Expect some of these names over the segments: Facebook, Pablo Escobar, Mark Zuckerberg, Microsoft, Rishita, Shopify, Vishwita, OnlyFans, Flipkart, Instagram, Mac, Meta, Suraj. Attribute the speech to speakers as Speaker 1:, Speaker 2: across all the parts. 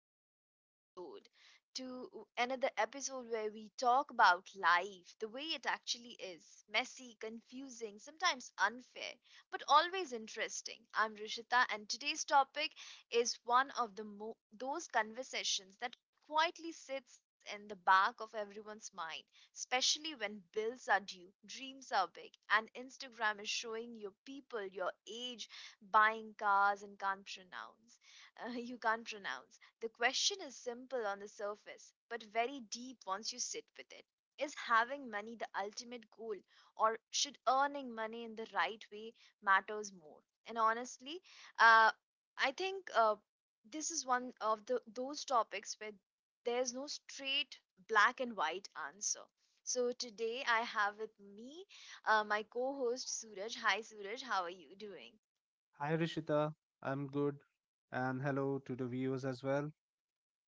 Speaker 1: to another episode, where we talk about life the way it actually is messy, confusing, sometimes unfair, but always interesting. I'm Rishita, and today's topic is one of those conversations that quietly sits in the back of everyone's mind, especially when bills are due, dreams are big, and Instagram is showing your people your age buying cars and can't pronounce you can't pronounce. The question is simple on the surface, but very deep once you sit with it. Is having money the ultimate goal, or should earning money in the right way matters more? And honestly, uh, I think this is one of the those topics where there's no straight black and white answer. So today I have with me my co-host Suraj. Hi Suraj, how are you doing?
Speaker 2: Hi Rishita, I'm good, and hello to the viewers as well.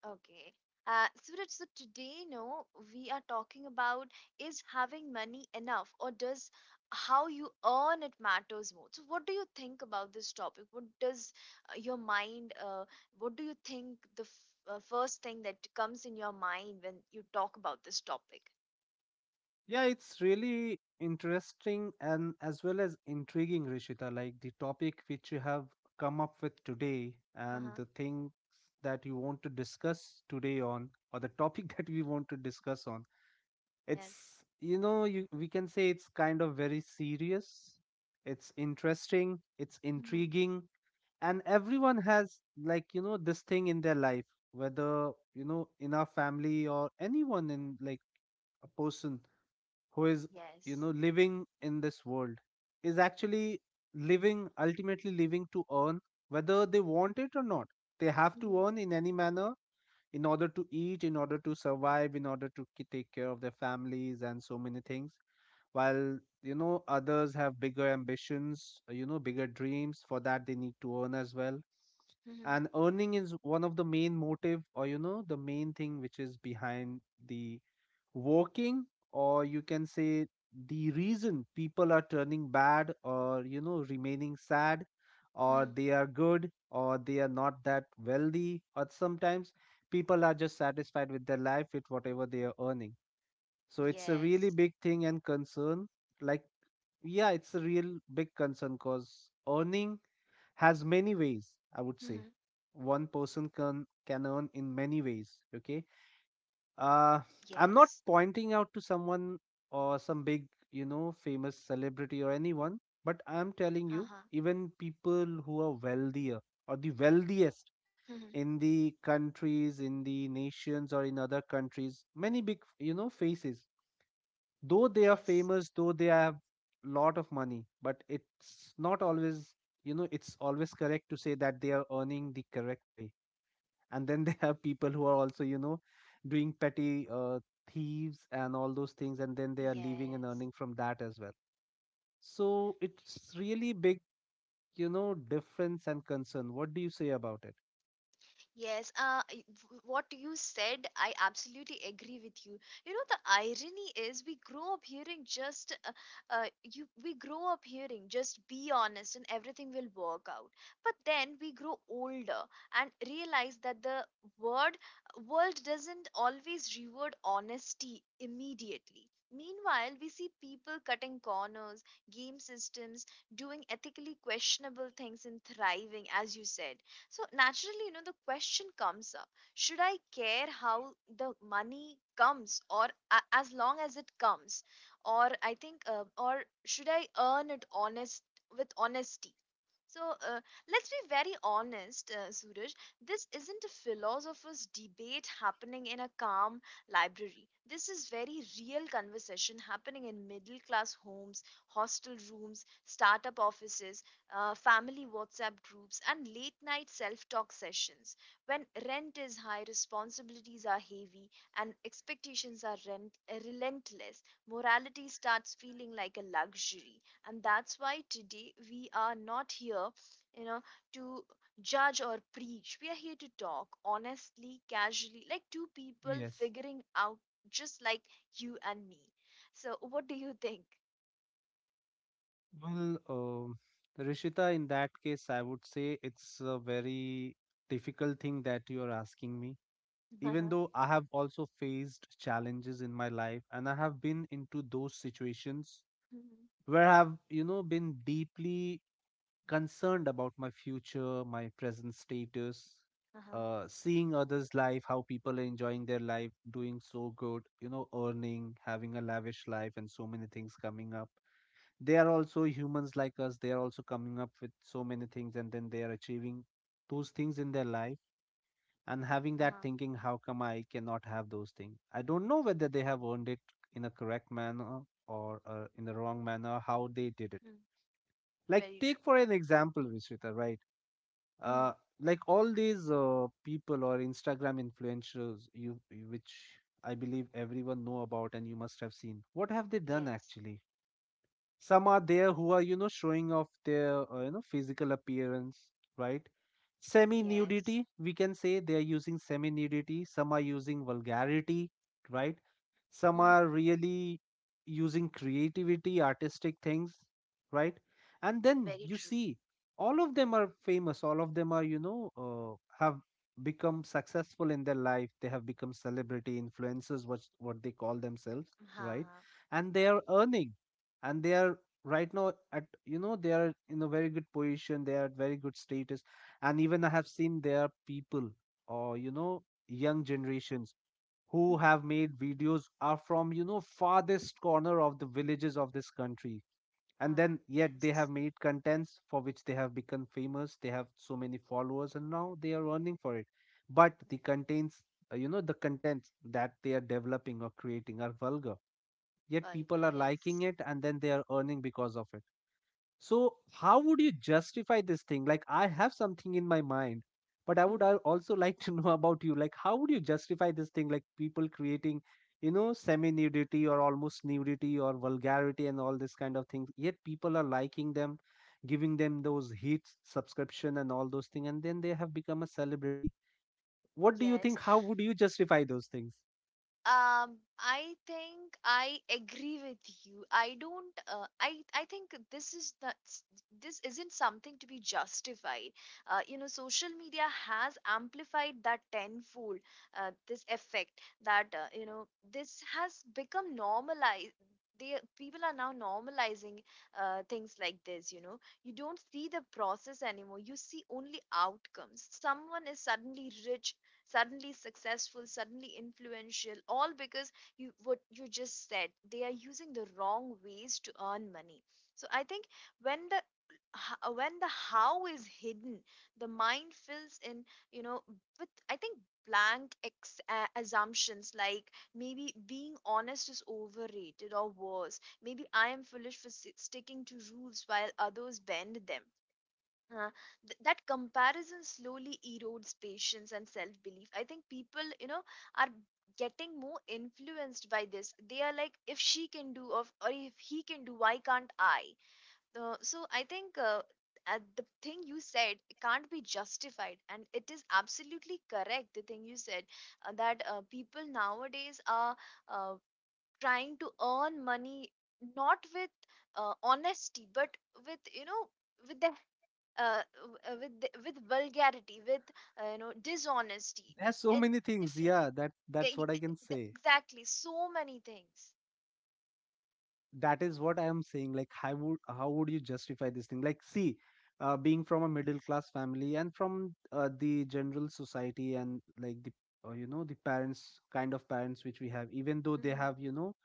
Speaker 1: Okay. Suraj, so today, no, we are talking about is having money enough or does how you earn it matters more? So, what do you think about this topic? What does your mind, what do you think the f first thing that comes in your mind when you talk about this topic?
Speaker 2: Yeah, it's really interesting and as well as intriguing, Rishita, like the topic which you have come up with today and
Speaker 1: Uh-huh.
Speaker 2: the things that you want to discuss today on, or the topic that we want to discuss on.
Speaker 1: Yes.
Speaker 2: It's, you know, you, we can say it's kind of very serious, it's interesting, it's
Speaker 1: Mm-hmm.
Speaker 2: intriguing, and everyone has like you know this thing in their life, whether you know in our family or anyone, in like a person who is you
Speaker 1: Yes.
Speaker 2: know living in this world is actually living, ultimately living to earn. Whether they want it or not, they have to
Speaker 1: Mm-hmm.
Speaker 2: earn in any manner, in order to eat, in order to survive, in order to take care of their families and so many things, while you know others have bigger ambitions, you know bigger dreams, for that they need to earn as well.
Speaker 1: Mm-hmm.
Speaker 2: And earning is one of the main motive, or you know the main thing which is behind the working, or you can say the reason people are turning bad or you know remaining sad, or
Speaker 1: Mm-hmm.
Speaker 2: they are good, or they are not that wealthy, or sometimes people are just satisfied with their life with whatever they are earning. So it's a really
Speaker 1: Yes.
Speaker 2: big thing and concern. Like, yeah, it's a real big concern, cause earning has many ways, I would say.
Speaker 1: Mm-hmm.
Speaker 2: One person can earn in many ways, okay.
Speaker 1: Yes.
Speaker 2: uh I'm not pointing out to someone or some big you know famous celebrity or anyone,
Speaker 1: Uh-huh.
Speaker 2: but I'm telling you, even people who are wealthier or the
Speaker 1: Mm-hmm.
Speaker 2: wealthiest in the countries, in the nations, or in other countries, many big you know faces, though
Speaker 1: Yes.
Speaker 2: they are famous, though they have lot of money, but it's not always you know, it's always correct to say that they are earning the correct way. And then they have people who are also you know doing petty thieves and all those things, and then they are leaving and
Speaker 1: Yes.
Speaker 2: earning from that as well. So it's really big, you know, difference and concern. What do you say about it?
Speaker 1: Yes, what you said, I absolutely agree with you. You know, the irony is we grow up hearing just be honest and everything will work out. But then we grow older and realize that the word world doesn't always reward honesty immediately. Meanwhile, we see people cutting corners, game systems, doing ethically questionable things and thriving, as you said. So naturally, you know, the question comes up, should I care how the money comes, or as long as it comes? Or I think, or should I earn it honest with honesty? So uh, let's be very honest, Suraj. This isn't a philosopher's debate happening in a calm library. This is very real conversation happening in middle class homes, hostel rooms, startup offices, family WhatsApp groups, and late night self talk sessions. When rent is high, responsibilities are heavy, and expectations are relentless, morality starts feeling like a luxury. And that's why today we are not here, you know, to judge or preach. We are here to talk honestly, casually, like two people
Speaker 2: Yes.
Speaker 1: figuring out, just like you and me. So what do you think?
Speaker 2: Well, Rishita, in that case I would say it's a very difficult thing that you are asking me, even
Speaker 1: Uh-huh.
Speaker 2: though I have also faced challenges in my life and I have been into those situations
Speaker 1: Mhm.
Speaker 2: where I've, you know, been deeply concerned about my future, my present status,
Speaker 1: Uh-huh.
Speaker 2: seeing others' life, how people are enjoying their life, doing so good, you know, earning, having a lavish life, and so many things coming up. They are also humans like us, they are also coming up with so many things and then they are achieving those things in their life,
Speaker 1: Uh-huh.
Speaker 2: and having that thinking, how come I cannot have those things? I don't know whether they have earned it in a correct manner or in the wrong manner, how they did
Speaker 1: Mm.
Speaker 2: it.
Speaker 1: Very
Speaker 2: Like,
Speaker 1: true.
Speaker 2: take for an example Vishwita, right.
Speaker 1: Mhm.
Speaker 2: uh, like all these people or Instagram influencers, which I believe everyone know about, and you must have seen what have they done
Speaker 1: Yes.
Speaker 2: actually. Some are there who are you know showing off their you know physical appearance, right, semi
Speaker 1: Yes.
Speaker 2: nudity we can say, they are using semi nudity, some are using vulgarity, right, some
Speaker 1: Mhm.
Speaker 2: are really using creativity, artistic things, right. And then
Speaker 1: Very
Speaker 2: you
Speaker 1: true.
Speaker 2: see all of them are famous, all of them are you know have become successful in their life, they have become celebrity influencers, what they call themselves, right.
Speaker 1: Uh-huh.
Speaker 2: And they are earning, and they are right now at you know, they are in a very good position, they are at very good status. And even I have seen, there are people or you know young generations who
Speaker 1: Mhm.
Speaker 2: have made videos, are from you know farthest corner of the villages of this country, and
Speaker 1: Uh.
Speaker 2: then yet they have
Speaker 1: Yes.
Speaker 2: made contents for which they have become famous, they have so many followers and now they are earning for it. But the contents, you know, the contents that they are developing or creating are vulgar, yet
Speaker 1: Vulgar,
Speaker 2: people are
Speaker 1: yes.
Speaker 2: liking it and then they are earning because of it. So, how would you justify this thing? Like, I have something in my mind, but I would
Speaker 1: Mhm.
Speaker 2: also like to know about you. Like, how would you justify this thing? Like, people creating, you know, semi nudity or almost nudity or vulgarity and all this kind of things. Yet people are liking them, giving them those hits, subscription, and all those things. And then they have become a celebrity. What do you
Speaker 1: Yes.
Speaker 2: think? How would you justify those things?
Speaker 1: I think I agree with you. I don't. I think this is not. This isn't something to be justified. You know, social media has amplified that tenfold. This effect, that you know, this has become normalized. They people are now normalizing things like this. You know, you don't see the process anymore. You see only outcomes. Someone is suddenly rich, suddenly successful, suddenly influential, all because, you what you just said, they are using the wrong ways to earn money. So I think when when the how is hidden, the mind fills in, you know, with, I think, blank assumptions like maybe being honest is overrated, or worse, maybe I am foolish for sticking to rules while others bend them. uh, that comparison slowly erodes patience and self belief. I think people, you know, are getting more influenced by this. They are like, if she can do, or if he can do, why can't I? So I think, the thing you said can't be justified, and it is absolutely correct. The thing you said, that people nowadays are uh, trying to earn money not with honesty, but with, you know, with their uh, with vulgarity, with you know, dishonesty,
Speaker 2: There's so
Speaker 1: and
Speaker 2: many things.
Speaker 1: different
Speaker 2: Yeah, that
Speaker 1: e-
Speaker 2: that's
Speaker 1: e-
Speaker 2: what I can say.
Speaker 1: exactly so many things.
Speaker 2: That is what I am saying, like how would, how would you justify this thing? Like, see, being from a middle class family and from the general society, and like the you know the parents, kind of parents which we have, even though they
Speaker 1: Hmm.
Speaker 2: have you know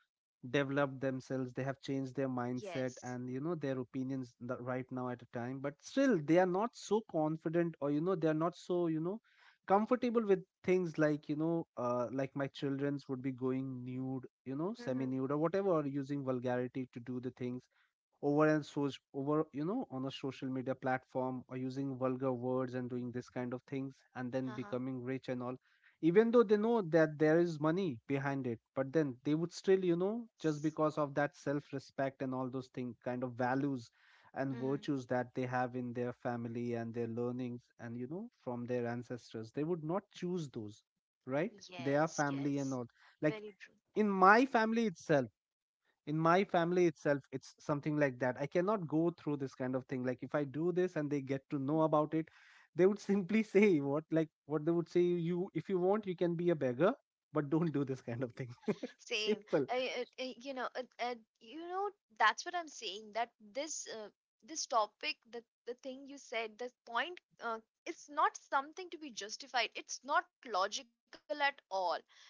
Speaker 2: developed themselves, they have changed their mindset
Speaker 1: Yes.
Speaker 2: and you know their opinions, right now at a time, but still they are not so confident, or you know they are not so you know comfortable with things like you know like my children's would be going nude, you know, semi
Speaker 1: Hmm.
Speaker 2: nude or whatever, or using vulgarity to do the things over and so over, you know, on a social media platform, or using vulgar words and doing this kind of things and then
Speaker 1: Uh-huh.
Speaker 2: becoming rich and all. Even though they know that there is money behind it, but then they would still you know, just
Speaker 1: Yes.
Speaker 2: because of that self respect and all those things, kind of values and
Speaker 1: Hmm.
Speaker 2: virtues that they have in their family and their learnings, and you know from their ancestors, they would not choose those, right? They are
Speaker 1: Yes.
Speaker 2: family and
Speaker 1: Yes.
Speaker 2: all. Like,
Speaker 1: Very true.
Speaker 2: in my family itself, in my family itself, it's something like that. I cannot go through this kind of thing. Like, if I do this and they get to know
Speaker 1: Mhm.
Speaker 2: about it, they would simply say what, like what they would say you, if you want you can be a beggar, but don't do this kind of thing.
Speaker 1: Same.
Speaker 2: Simple.
Speaker 1: I, you know that's what I'm saying, that this topic, the thing you said, the point, it's not something to be justified, it's not logical at all. You know,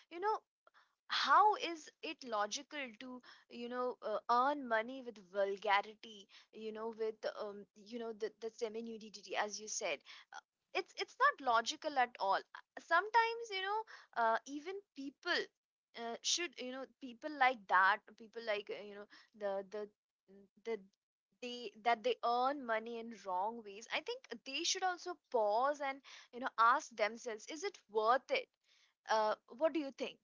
Speaker 1: how is it logical to, you know, earn money with vulgarity, you know, with, you know, the, semi nudity, as you said. It's not logical at all. Sometimes, you know, even people, should, you know, people like that, people like, you know, the the the they earn money in wrong ways. I think they should also pause and, you know, ask themselves, is it worth it? What do you think?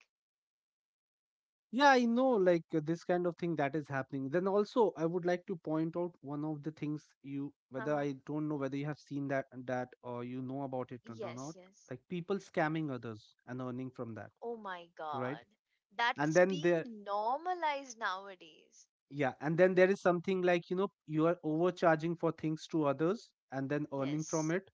Speaker 2: Yeah, I know, like this kind of thing that is happening, then also I would like to point out one of the things, you, whether,
Speaker 1: Uh-huh.
Speaker 2: I don't know whether you have seen that or you know about it or not.
Speaker 1: Yes, yes.
Speaker 2: Like people scamming others and earning from that,
Speaker 1: Oh my
Speaker 2: right?
Speaker 1: God.
Speaker 2: And
Speaker 1: That's
Speaker 2: then they,
Speaker 1: been normalized nowadays.
Speaker 2: yeah, and then there is something like, you know, you are overcharging for things to others and then earning from
Speaker 1: Yes.
Speaker 2: it,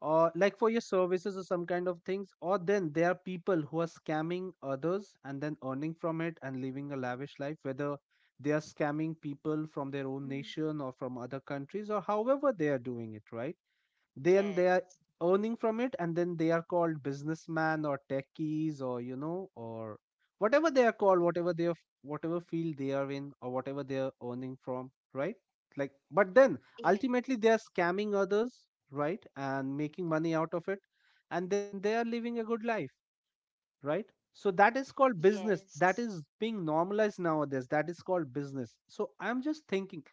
Speaker 2: or like for your services or some kind of things, or then there are people who are scamming others and then earning from it and living a lavish life, whether they are scamming people from their own
Speaker 1: Mhm.
Speaker 2: nation or from other countries, or however they are doing it, right? Then they are
Speaker 1: Yes.
Speaker 2: earning from it, and then they are called businessman or techies, or you know, or whatever they are called, whatever they are, whatever field they are in, or whatever they are earning from, right? Like, but then
Speaker 1: Yeah.
Speaker 2: ultimately they are scamming others, right, and making money out of it, and then they are living a good life, right? So that is called business,
Speaker 1: Yes.
Speaker 2: that is being normalized nowadays, that is called business. So I'm just thinking,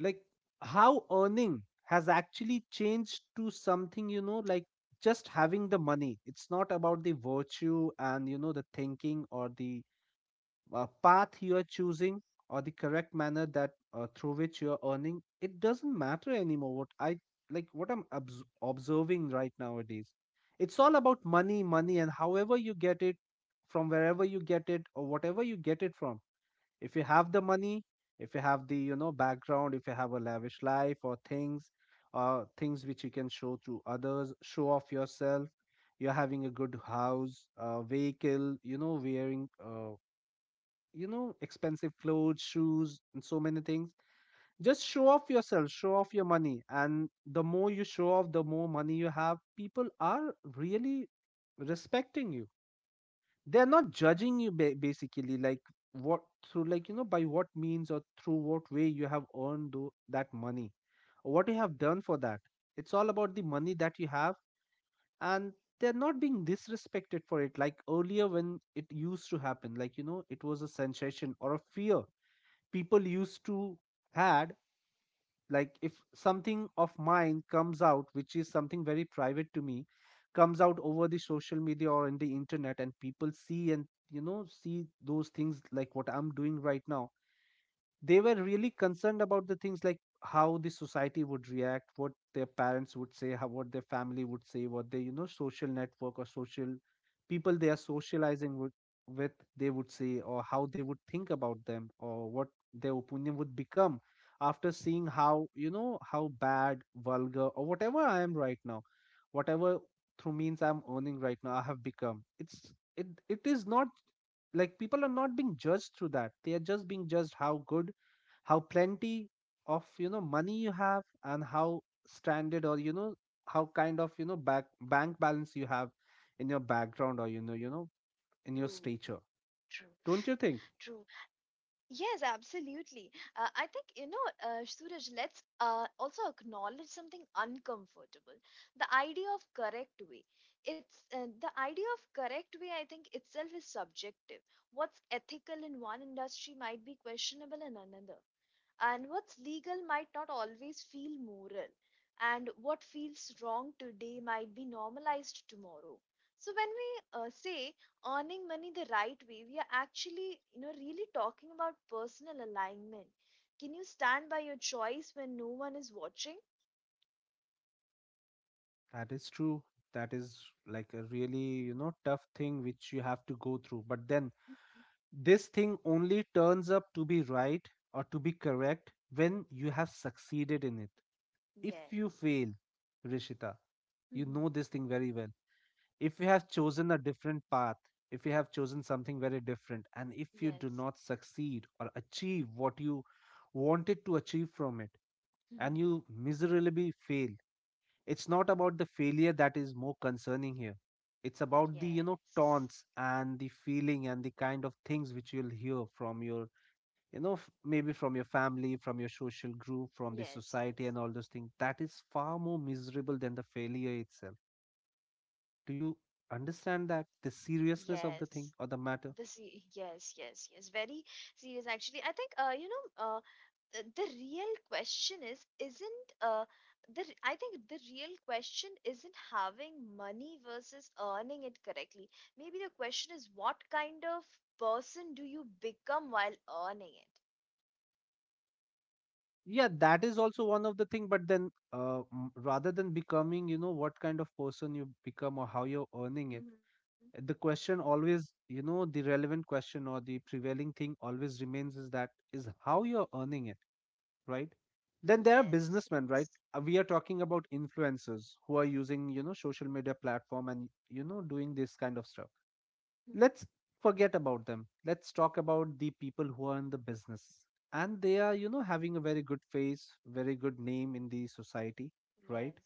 Speaker 2: like, how earning has actually changed to something, you know, like just having the money. It's not about the virtue and you know the thinking or the path you are choosing, or the correct manner that through which you are earning, it doesn't matter anymore. What I, like what I'm observing right nowadays, it's all about money, money, and however you get it, from wherever you get it, or whatever you get it from. If you have the money, if you have the you know background, if you have a lavish life or things, or things which you can show to others, show off yourself, you're having a good house, vehicle, you know, wearing you know expensive clothes, shoes, and so many things. Just show off yourself, show off your money, and the more you show off, the more money you have, people are really respecting you. They're not judging you, basically, like what, through like you know, by what means or through what way you have earned that money, or what you have done for that. It's all about the money that you have, and they're not being disrespected for it. Like earlier, when it used to happen, like you know it was a sensation or a fear, people used to had, like if something of mine comes out which is something very private to me, comes Out over the social media or in the internet and people see and see those things like what I'm doing right now. They were really concerned about the things like how the society would react, what their parents would say, what their family would say, what their social network or social people they are socializing with they would say, or how they would think about them, or what their opinion would become after seeing how, how bad, vulgar, or whatever I am right now, whatever through means I'm earning right now I have become. It is not like people are not being judged through that. They are just being judged how good, how plenty of, money you have, and how stranded, or how kind of, back bank balance you have in your background, or
Speaker 1: True.
Speaker 2: in your stature.
Speaker 1: True.
Speaker 2: Don't you think?
Speaker 1: True. Yes, absolutely. I think, you know, Suraj, let's, also acknowledge something uncomfortable. The idea of correct way. It's, the idea of correct way, I think, itself is subjective. What's ethical in one industry might be questionable in another, and what's legal might not always feel moral, and what feels wrong today might be normalized tomorrow. So when we, say earning money the right way, we are actually, you know, really talking about personal alignment. Can you stand by your choice when no one is watching?
Speaker 2: That is true. That is like a really, tough thing which you have to go through. But then this thing only turns up to be right or to be correct when you have succeeded in it. If you
Speaker 1: Yes.
Speaker 2: fail, Rishita, you
Speaker 1: Hmm.
Speaker 2: know this thing very well. If you have chosen a different path, if you have chosen something very different, and if you do
Speaker 1: Yes.
Speaker 2: not succeed or achieve what you wanted to achieve from it, and
Speaker 1: Hmm.
Speaker 2: you miserably fail, it's not about the failure that is more concerning here. It's about the, you know,
Speaker 1: Yes.
Speaker 2: taunts and the feeling and the kind of things which you'll hear from your, you know, maybe from your family, from your social group, from the
Speaker 1: Yes.
Speaker 2: society,
Speaker 1: Yes.
Speaker 2: and all those things. That is far more miserable than the failure itself. Do you understand that the seriousness of the
Speaker 1: Yes.
Speaker 2: thing or the matter?
Speaker 1: This. Yes. Yes. Yes, very serious actually. I think, the, real question is isn't, I think, the real question isn't having money versus earning it correctly. Maybe the question is, what kind of person do you become while earning it?
Speaker 2: Yeah, that is also one of the thing. But then, rather than becoming, you know, what kind of person you become or how you're earning it,
Speaker 1: Mm-hmm.
Speaker 2: the question always, you know, the relevant question or the prevailing thing always remains is that is how you're earning it, right? Then there
Speaker 1: Yes.
Speaker 2: are
Speaker 1: Yes.
Speaker 2: businessmen, right? We are talking about influencers who are using, you know, social media platform and, you know, doing this kind of stuff.
Speaker 1: Mm-hmm.
Speaker 2: Let's forget about them. Let's talk about the people who are in the business and they are, you know, having a very good face, very good name in the society, right?
Speaker 1: Yes.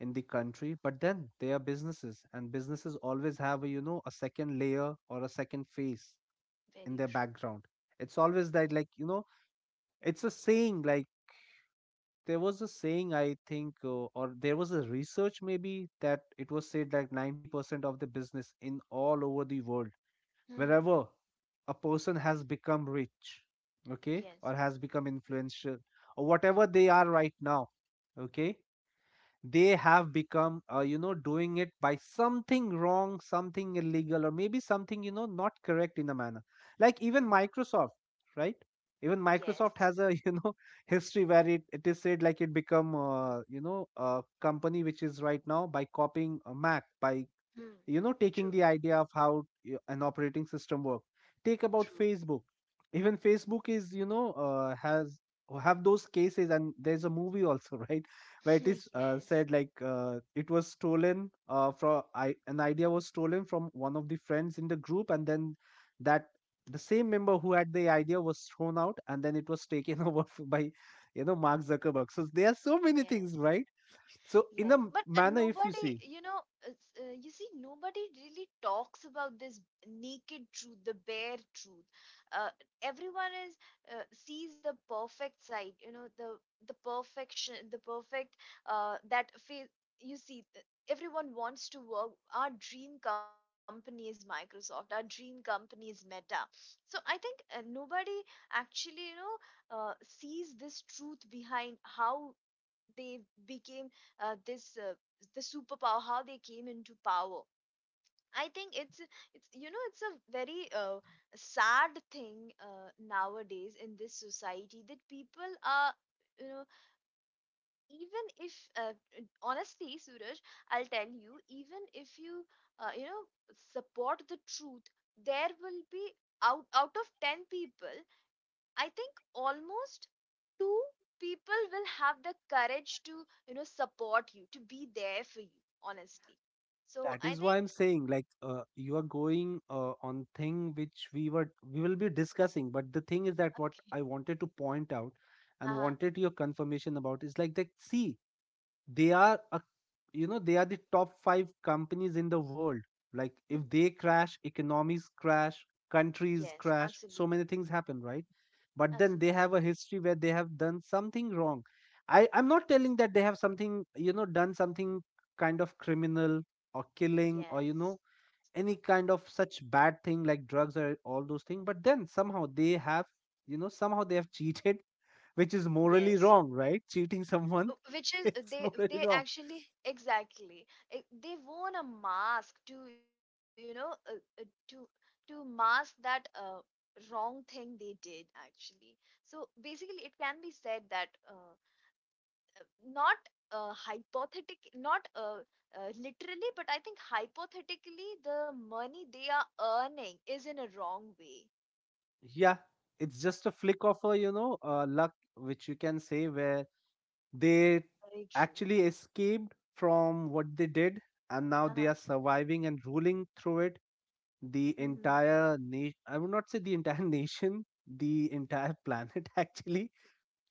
Speaker 2: In the country. But then they are businesses, and businesses always have a, you know, a second layer or a second face in
Speaker 1: Very
Speaker 2: their
Speaker 1: true.
Speaker 2: background. It's always that, like, it's a saying like, there was a saying, I think, or there was a research maybe, that it was said like 90% of the business in all over the world,
Speaker 1: Mm-hmm.
Speaker 2: wherever a person has become rich, okay,
Speaker 1: Yes.
Speaker 2: or has become influential, or whatever they are right now, okay, they have become, you know, doing it by something wrong, something illegal, or maybe something, you know, not correct in a manner. Like
Speaker 1: Mm.
Speaker 2: even Microsoft, right? Even Microsoft
Speaker 1: Yes.
Speaker 2: has a, you know, history where it is said like it become, you know, a company which is right now by copying a Mac, by
Speaker 1: Hmm.
Speaker 2: you know taking
Speaker 1: True.
Speaker 2: the idea of how an operating system work. Take about
Speaker 1: True.
Speaker 2: Facebook. Even Facebook is, you know, has have those cases, and there's a movie also, right, where it is,
Speaker 1: Yes.
Speaker 2: said like, it was stolen, from I, an idea was stolen from one of the friends in the group, and then that, the same member who had the idea was thrown out, and then it was taken over by, you know, Mark Zuckerberg. So there are so many
Speaker 1: Yes.
Speaker 2: things, right? So in a
Speaker 1: Yes, but
Speaker 2: manner, if you
Speaker 1: nobody,
Speaker 2: see,
Speaker 1: you know, it's, you see, nobody really talks about this naked truth, the bare truth. Uh, everyone is, sees the perfect side, you know, the perfection, the perfect, that face. You see, everyone wants to work. Our dream company is Microsoft. Our dream company is Meta. So I think, nobody actually, you know, sees this truth behind how they became, this, the superpower, how they came into power. I think it's, you know, it's a very, sad thing, nowadays in this society, that people are, you know, even if, uh, honestly, Suraj, I'll tell you, even if you, you know, support the truth, there will be, out of 10 people, I think almost two people will have the courage to, you know, support you, to be there for you, honestly. So
Speaker 2: that
Speaker 1: I
Speaker 2: is why
Speaker 1: think,
Speaker 2: I'm saying like, you are going, on thing which we will be discussing. But the thing is that what
Speaker 1: okay.
Speaker 2: I wanted to point out and
Speaker 1: Uh-huh.
Speaker 2: wanted your confirmation about is like that, see, they are a, you know, they are the top 5 companies in the world. Like
Speaker 1: Mhm.
Speaker 2: if they crash, economies crash, countries
Speaker 1: Yes,
Speaker 2: crash, so
Speaker 1: absolutely.
Speaker 2: many things happen, right? But then they have
Speaker 1: Absolutely.
Speaker 2: a history where they have done something wrong. I'm not telling that they have something, you know, done something kind of criminal or killing, or you know,
Speaker 1: Yes.
Speaker 2: any kind of such bad thing like drugs or all those things. But then somehow they have, you know, somehow they have cheated, which is morally
Speaker 1: Yes.
Speaker 2: wrong, right? Cheating someone
Speaker 1: Which is,
Speaker 2: it's
Speaker 1: they
Speaker 2: morally
Speaker 1: they
Speaker 2: wrong.
Speaker 1: actually, exactly. Eh, they worn a mask to, you know, uh, to to mask that, wrong thing they did actually. So basically, it can be said that, not, hypothetic not, literally, but I think hypothetically the money they are earning is in a wrong way.
Speaker 2: Yeah, it's just a flick of a, you know, luck, which you can say, where they
Speaker 1: Very true.
Speaker 2: actually escaped from what they did, and now they are
Speaker 1: Uh-huh.
Speaker 2: surviving and ruling through it. The
Speaker 1: Hmm.
Speaker 2: entire nation, I would not say the entire nation, the entire planet actually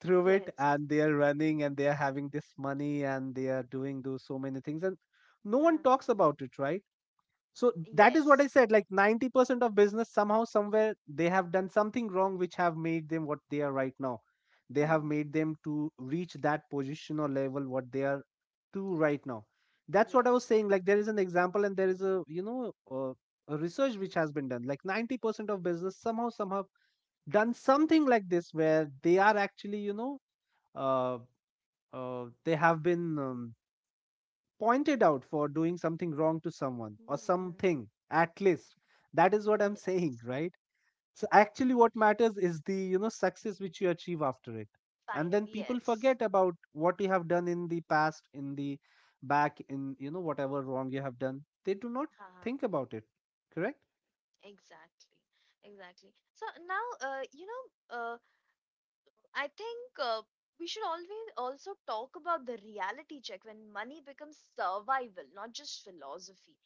Speaker 2: through it.
Speaker 1: Yes.
Speaker 2: And they are running, and they are having this money, and they are doing those so many things. And no one talks
Speaker 1: Uh-huh.
Speaker 2: about it, right? So that is what I
Speaker 1: Yes.
Speaker 2: said. Like 90% of business, somehow, somewhere, they have done something wrong which have made them what they are right now. They have
Speaker 1: Hmm.
Speaker 2: made them to reach that position or level what they are to right now. That's what I was
Speaker 1: Yes.
Speaker 2: saying. Like there is an example and there is a, you know, a research which has been done. Like 90% of business somehow, somehow done something like this, where they are actually, you know, uh, they have been. Pointed out for doing something wrong to someone or
Speaker 1: Hmm.
Speaker 2: something at least. That is what I'm
Speaker 1: Yes.
Speaker 2: saying, right? So actually what
Speaker 1: Yes.
Speaker 2: matters is the, you know, success which you achieve after it. And
Speaker 1: Finally,
Speaker 2: then people
Speaker 1: yes.
Speaker 2: forget about what you have done in the past, in the back, in, you know, whatever wrong you have done, they do not
Speaker 1: Uh-huh.
Speaker 2: think about it. Correct.
Speaker 1: Exactly, exactly. So now, uh, I think, we should always also talk about the reality check, when money becomes survival, not just philosophy.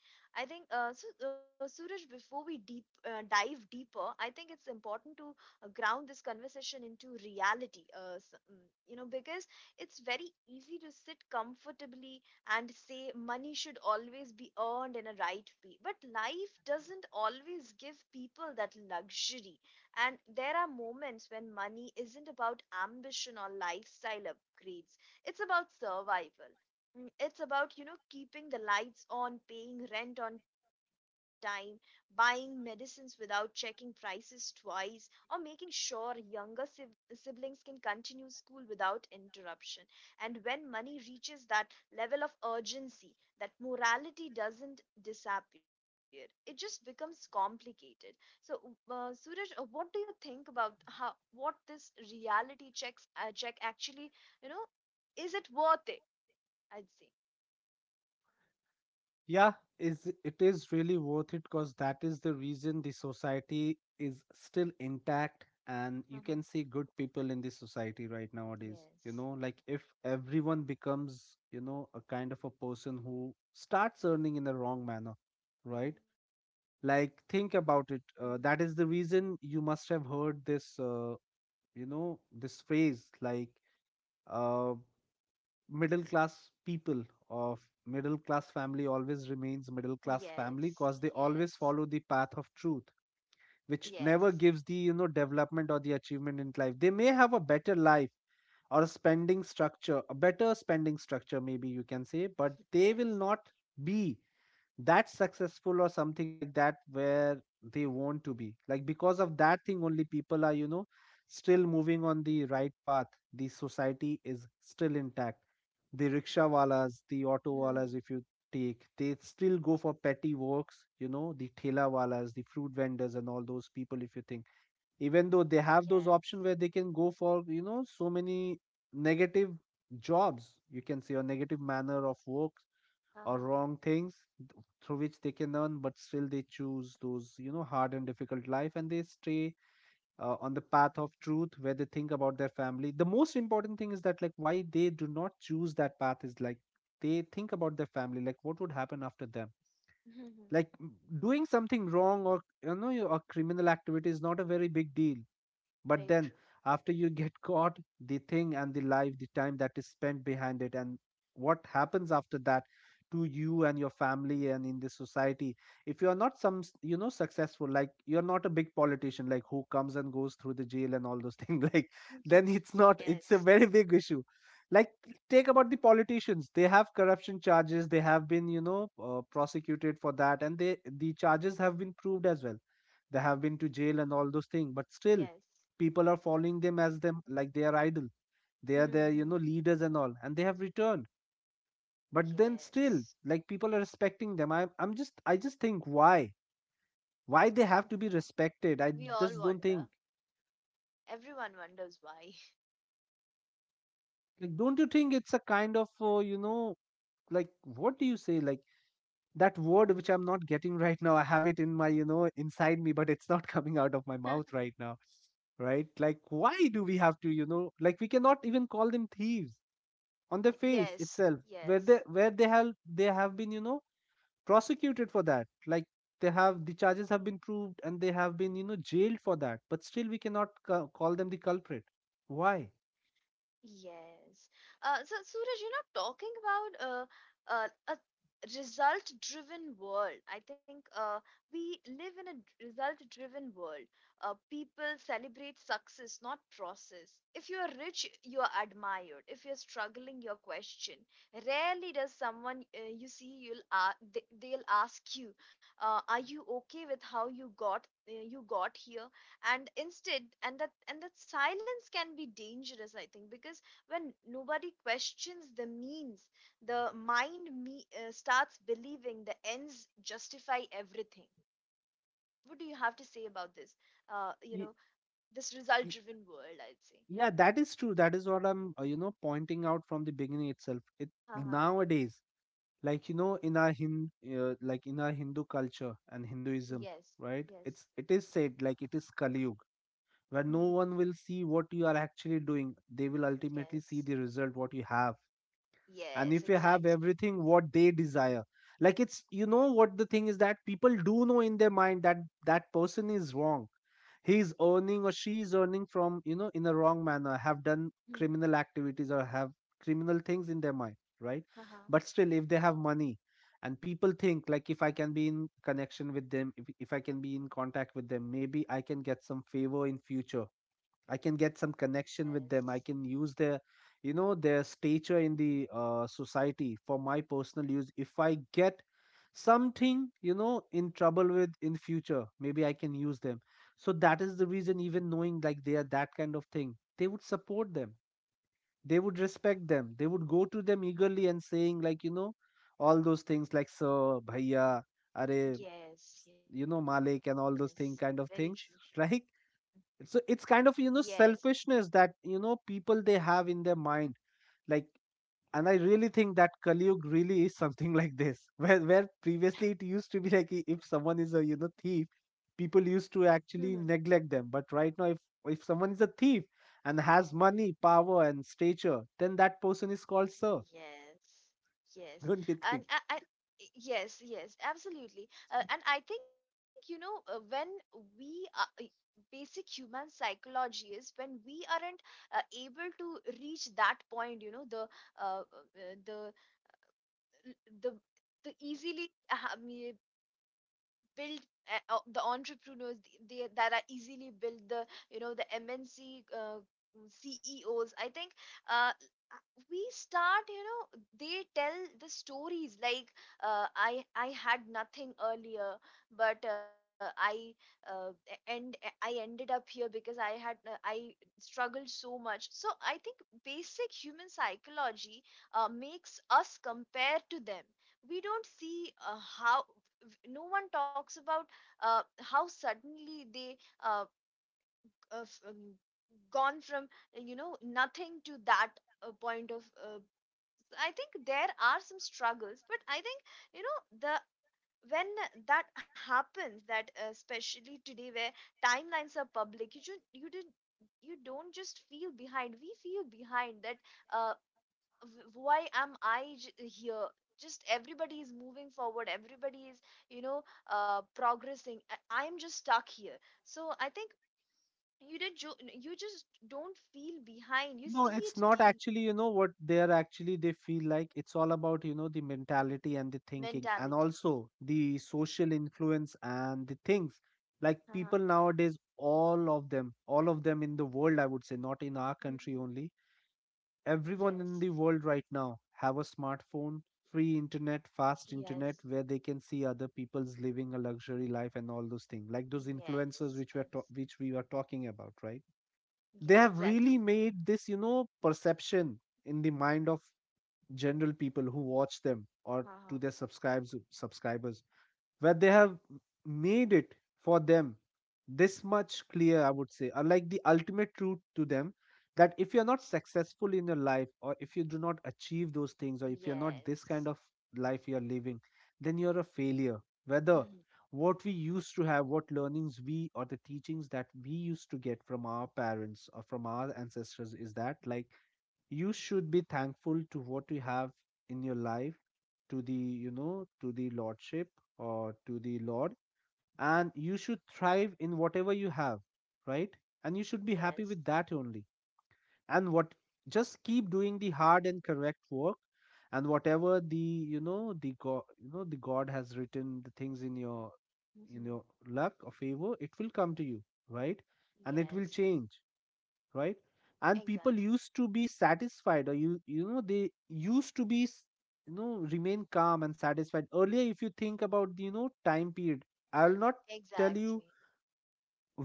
Speaker 1: I think, so, Suraj, before we deep dive deeper, I think it's important to, ground this conversation into reality. You know, because it's very easy to sit comfortably and say money should always be earned in a right way, but life doesn't always give people that luxury, and there are moments when money isn't about ambition or lifestyle upgrades, it's about survival. It's about, you know, keeping the lights on, paying rent on time, buying medicines without checking prices twice, or making sure younger siblings can continue school without interruption. And when money reaches that level of urgency, that morality doesn't disappear, it just becomes complicated. So, Suraj, what do you think about how, what this reality check actually, you know, is it worth it? I'd say.
Speaker 2: Yeah, is really worth it, because that is the reason the society is still intact and you can
Speaker 1: Uh-huh.
Speaker 2: see good people in the society right nowadays. You know,
Speaker 1: Yes.
Speaker 2: like if everyone becomes, you know, a kind of a person who starts earning in the wrong manner, right?
Speaker 1: Mhm.
Speaker 2: Like think about it. That is the reason you must have heard this, you know, this phrase like, uh, middle class people of middle class family always remains middle class family, because
Speaker 1: Yes.
Speaker 2: they always
Speaker 1: Yes.
Speaker 2: follow the path of truth, which never
Speaker 1: Yes.
Speaker 2: gives the, you know, development or the achievement in life. They may have a better life, or a spending structure, a better spending structure, maybe you can say, but they will
Speaker 1: Yes.
Speaker 2: not be that's successful or something like that where they want to be like. Because of that thing only, people are, you know, still moving on the right path, the society is still intact. The rickshaw walas, the auto walas,
Speaker 1: Mhm.
Speaker 2: if you take, they still go for petty works, you know, the thela walas, the fruit vendors, and all those people, if you think, even though they have those
Speaker 1: Yes.
Speaker 2: options where they can go for, you know, so many negative jobs, you can say, or negative manner of work, or
Speaker 1: Uh-huh.
Speaker 2: wrong things, through which they can learn, but still they choose those, you know, hard and difficult life, and they stay, on the path of truth, where they think about their family. The most important thing is that, like, why they do not choose that path, is like they think about their family, like what would happen after them.
Speaker 1: Mhm.
Speaker 2: Like doing something wrong, or, you know, a criminal activity is not a very big deal.
Speaker 1: Very
Speaker 2: But
Speaker 1: true.
Speaker 2: then after you get caught, the thing, and the life, the time that is spent behind it, and what happens after that to you and your family and in the society, if you are not some, you know, successful, like you're not a big politician, like who comes and goes through the jail and all those things, like,
Speaker 1: Mhm.
Speaker 2: then it's not, it's a
Speaker 1: Yes.
Speaker 2: very big issue. Like take about the politicians. They have corruption charges, they have been, you know, prosecuted for that, and they, the charges have been proved as well. They have been to jail and all those things, but still,
Speaker 1: Yes.
Speaker 2: people are following them as them like they are idol. They are their, you know,
Speaker 1: Mhm.
Speaker 2: leaders and all, and they have returned. But then still,
Speaker 1: Yes.
Speaker 2: like people are respecting them. I just think why they have to be
Speaker 1: Exact-.
Speaker 2: respected. I
Speaker 1: We
Speaker 2: just
Speaker 1: all
Speaker 2: don't think.
Speaker 1: wonder. Everyone wonders why.
Speaker 2: Like, don't you think it's a kind of, you know, like what do you say, like that word which I'm not getting right now. I have it in my inside me, but it's not coming out of my mouth right now. Right, like, why do we have to, like, we cannot even call them thieves on the face
Speaker 1: Yes.
Speaker 2: itself, where they
Speaker 1: Yes.
Speaker 2: where they have been prosecuted for that. Like, the charges have been proved, and they have been jailed for that, but still we cannot call them the culprit. Why?
Speaker 1: Yes. So, Suraj, you know, talking about, a result-driven world, I think we live in a result-driven world. People celebrate success, not process. If you're rich, you're admired. If you're struggling, you're questioned. Rarely does someone you see, they'll ask you, "Are you okay with how you got here?" And that silence can be dangerous, I think, because when nobody questions the means, the mind starts believing the ends justify everything. What do you have to say about this, uh, you
Speaker 2: Y-
Speaker 1: know this result
Speaker 2: y-
Speaker 1: driven world, I'd say?
Speaker 2: yeah, that is true. That is what I'm pointing out from the beginning itself. It
Speaker 1: Uh-huh.
Speaker 2: Nowadays, like, in our Hindu culture and Hinduism,
Speaker 1: Yes,
Speaker 2: right,
Speaker 1: yes.
Speaker 2: it is said, like, it is Kali, where no
Speaker 1: Hmm.
Speaker 2: one will see what you are actually doing. They will ultimately see
Speaker 1: Yes,
Speaker 2: the result, what you have. And
Speaker 1: yes,
Speaker 2: if you have
Speaker 1: exactly.
Speaker 2: everything what they desire, like, it's, what the thing is, that people do know in their mind that that person is wrong. He is earning, or she is earning from, in a wrong manner, have done
Speaker 1: Mm.
Speaker 2: criminal activities, or have criminal things in their mind, right?
Speaker 1: Uh-huh.
Speaker 2: But still, if they have money, and people think, like, if I can be in connection with them, if I can be in contact with them, maybe I can get some favor in future. I can get some connection with them. I can use their, their stature in the society for my personal use. If I get something, in trouble with in future, maybe I can use them. So that is the reason, even knowing like they are that kind of thing, they would support them. They would respect them. They would go to them eagerly and saying, like, all those things like sir, bhaiya, are
Speaker 1: Yes, yes, yes.
Speaker 2: Malik,
Speaker 1: Very
Speaker 2: and all
Speaker 1: true.
Speaker 2: those thing kind of things, right? So it's kind of
Speaker 1: Yes.
Speaker 2: selfishness that people they have in their mind, like. And I really think that Kali Yug really is something like this, where previously it used to be like, if someone is a thief, people used
Speaker 1: Hmm.
Speaker 2: to actually neglect them. But right now, if someone is a thief and has money, power and stature, then that person is called sir.
Speaker 1: Yes, yes,
Speaker 2: Don't you
Speaker 1: and
Speaker 2: think?
Speaker 1: I, I yes, yes, absolutely. And I think when we are, basic human psychology is when we aren't able to reach that point, uh, uh, the the the easily build the entrepreneurs that are easily built, the mnc ceos, I think. uh, we start, you know, they tell the stories like, I had nothing earlier, but I ended up here because I had, uh, I struggled so much. So I think basic human psychology makes us compare to them. We don't see how, no one talks about how suddenly they uh, uh, um, gone from, uh, nothing to that point of I think there are some struggles, but I think, you know, the when that happens, that especially today where timelines are public, you should you did you don't just feel behind, we feel behind that, uh, w- why am I here? Just everybody is moving forward. Everybody is, you know, progressing. I'm just stuck here. So I think you just don't feel behind. You
Speaker 2: No,
Speaker 1: see
Speaker 2: it's
Speaker 1: it
Speaker 2: not,
Speaker 1: daily.
Speaker 2: actually, what they're actually, they feel like it's all about, the mentality and the thinking, and
Speaker 1: Mentality.
Speaker 2: also the social influence and the things. Like,
Speaker 1: Uh-huh.
Speaker 2: people nowadays, all of them in the world, I would say, not in our country
Speaker 1: Mhm.
Speaker 2: only. Everyone in the
Speaker 1: Yes,
Speaker 2: world right now have a smartphone, free internet, fast internet,
Speaker 1: yes,
Speaker 2: where they can see other people's living a luxury life and all those things, like those influencers
Speaker 1: yes, yes.
Speaker 2: which we were talking about, right? They
Speaker 1: Yeah,
Speaker 2: have really
Speaker 1: exactly.
Speaker 2: made this perception in the mind of general people who watch them, or to
Speaker 1: Uh-huh.
Speaker 2: their subscribes subscribers, where they have made it, for them, this much clear, I would say, are like the ultimate truth to them, that if you're not successful in your life, or if you do not achieve those things, or if you're not this kind
Speaker 1: Yes.
Speaker 2: of life you're living, then you're a failure. Whether
Speaker 1: Mhm.
Speaker 2: what we used to have, what learnings we, or the teachings that we used to get from our parents or from our ancestors, is that, like, you should be thankful to what you have in your life, to the lordship, or to the Lord. And you should thrive in whatever you have, right? And you should be happy
Speaker 1: Yes.
Speaker 2: with that only. And what just keep doing the hard and correct work, and whatever the god has written the things in your in
Speaker 1: Mhm.
Speaker 2: your luck or favor, it will come to you, right? And it will
Speaker 1: Yes.
Speaker 2: change, right? And people
Speaker 1: Exactly,
Speaker 2: used to be satisfied, or they used to be, remain calm and satisfied earlier, if you think about the, time period. I will not tell
Speaker 1: exactly.
Speaker 2: you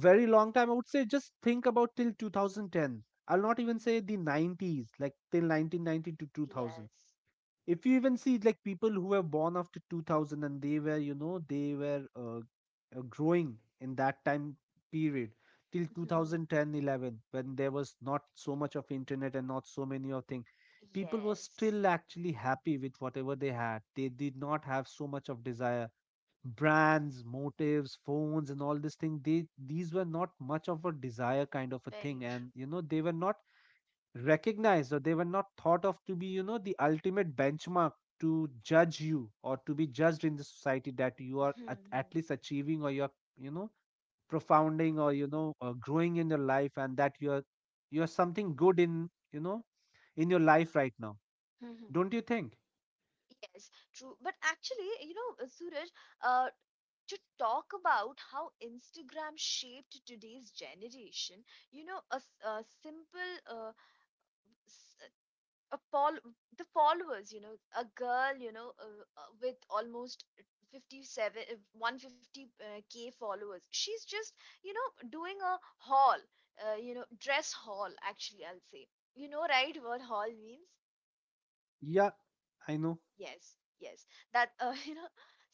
Speaker 2: very long time, I would say. Just think about till 2010. I'll not even
Speaker 1: Mhm.
Speaker 2: say the 90s, like, till 1990 to 2000.
Speaker 1: Yes.
Speaker 2: If you even see, like, people who were born after 2000, and they were growing in that time period, till two thousand ten 11, when there was not so much of internet and not so many of things, people were
Speaker 1: Yes,
Speaker 2: still actually happy with whatever they had. They did not have so much of desire. Brands, motives, phones and all this thing, they these were not much of a desire kind of a
Speaker 1: very
Speaker 2: thing,
Speaker 1: true.
Speaker 2: and they were not recognized, or they were not thought of to be, the ultimate benchmark to judge you or to be judged in the society, that you are at
Speaker 1: Mhm,
Speaker 2: least achieving, or you're, you know profounding, or growing in your life, and that you're something good, in your life right now.
Speaker 1: mhm.
Speaker 2: Don't you think?
Speaker 1: Yes, true. But actually, you know, Suraj, uh, to talk about how Instagram shaped today's generation, you know, a simple, s- a fol the followers, you know, a girl, you know, with almost 57, 150K followers. She's just, you know, doing a haul, you know, dress haul, actually, I'll say. You know, right, what haul means?
Speaker 2: Yeah, I know.
Speaker 1: Yes, yes. That, you know,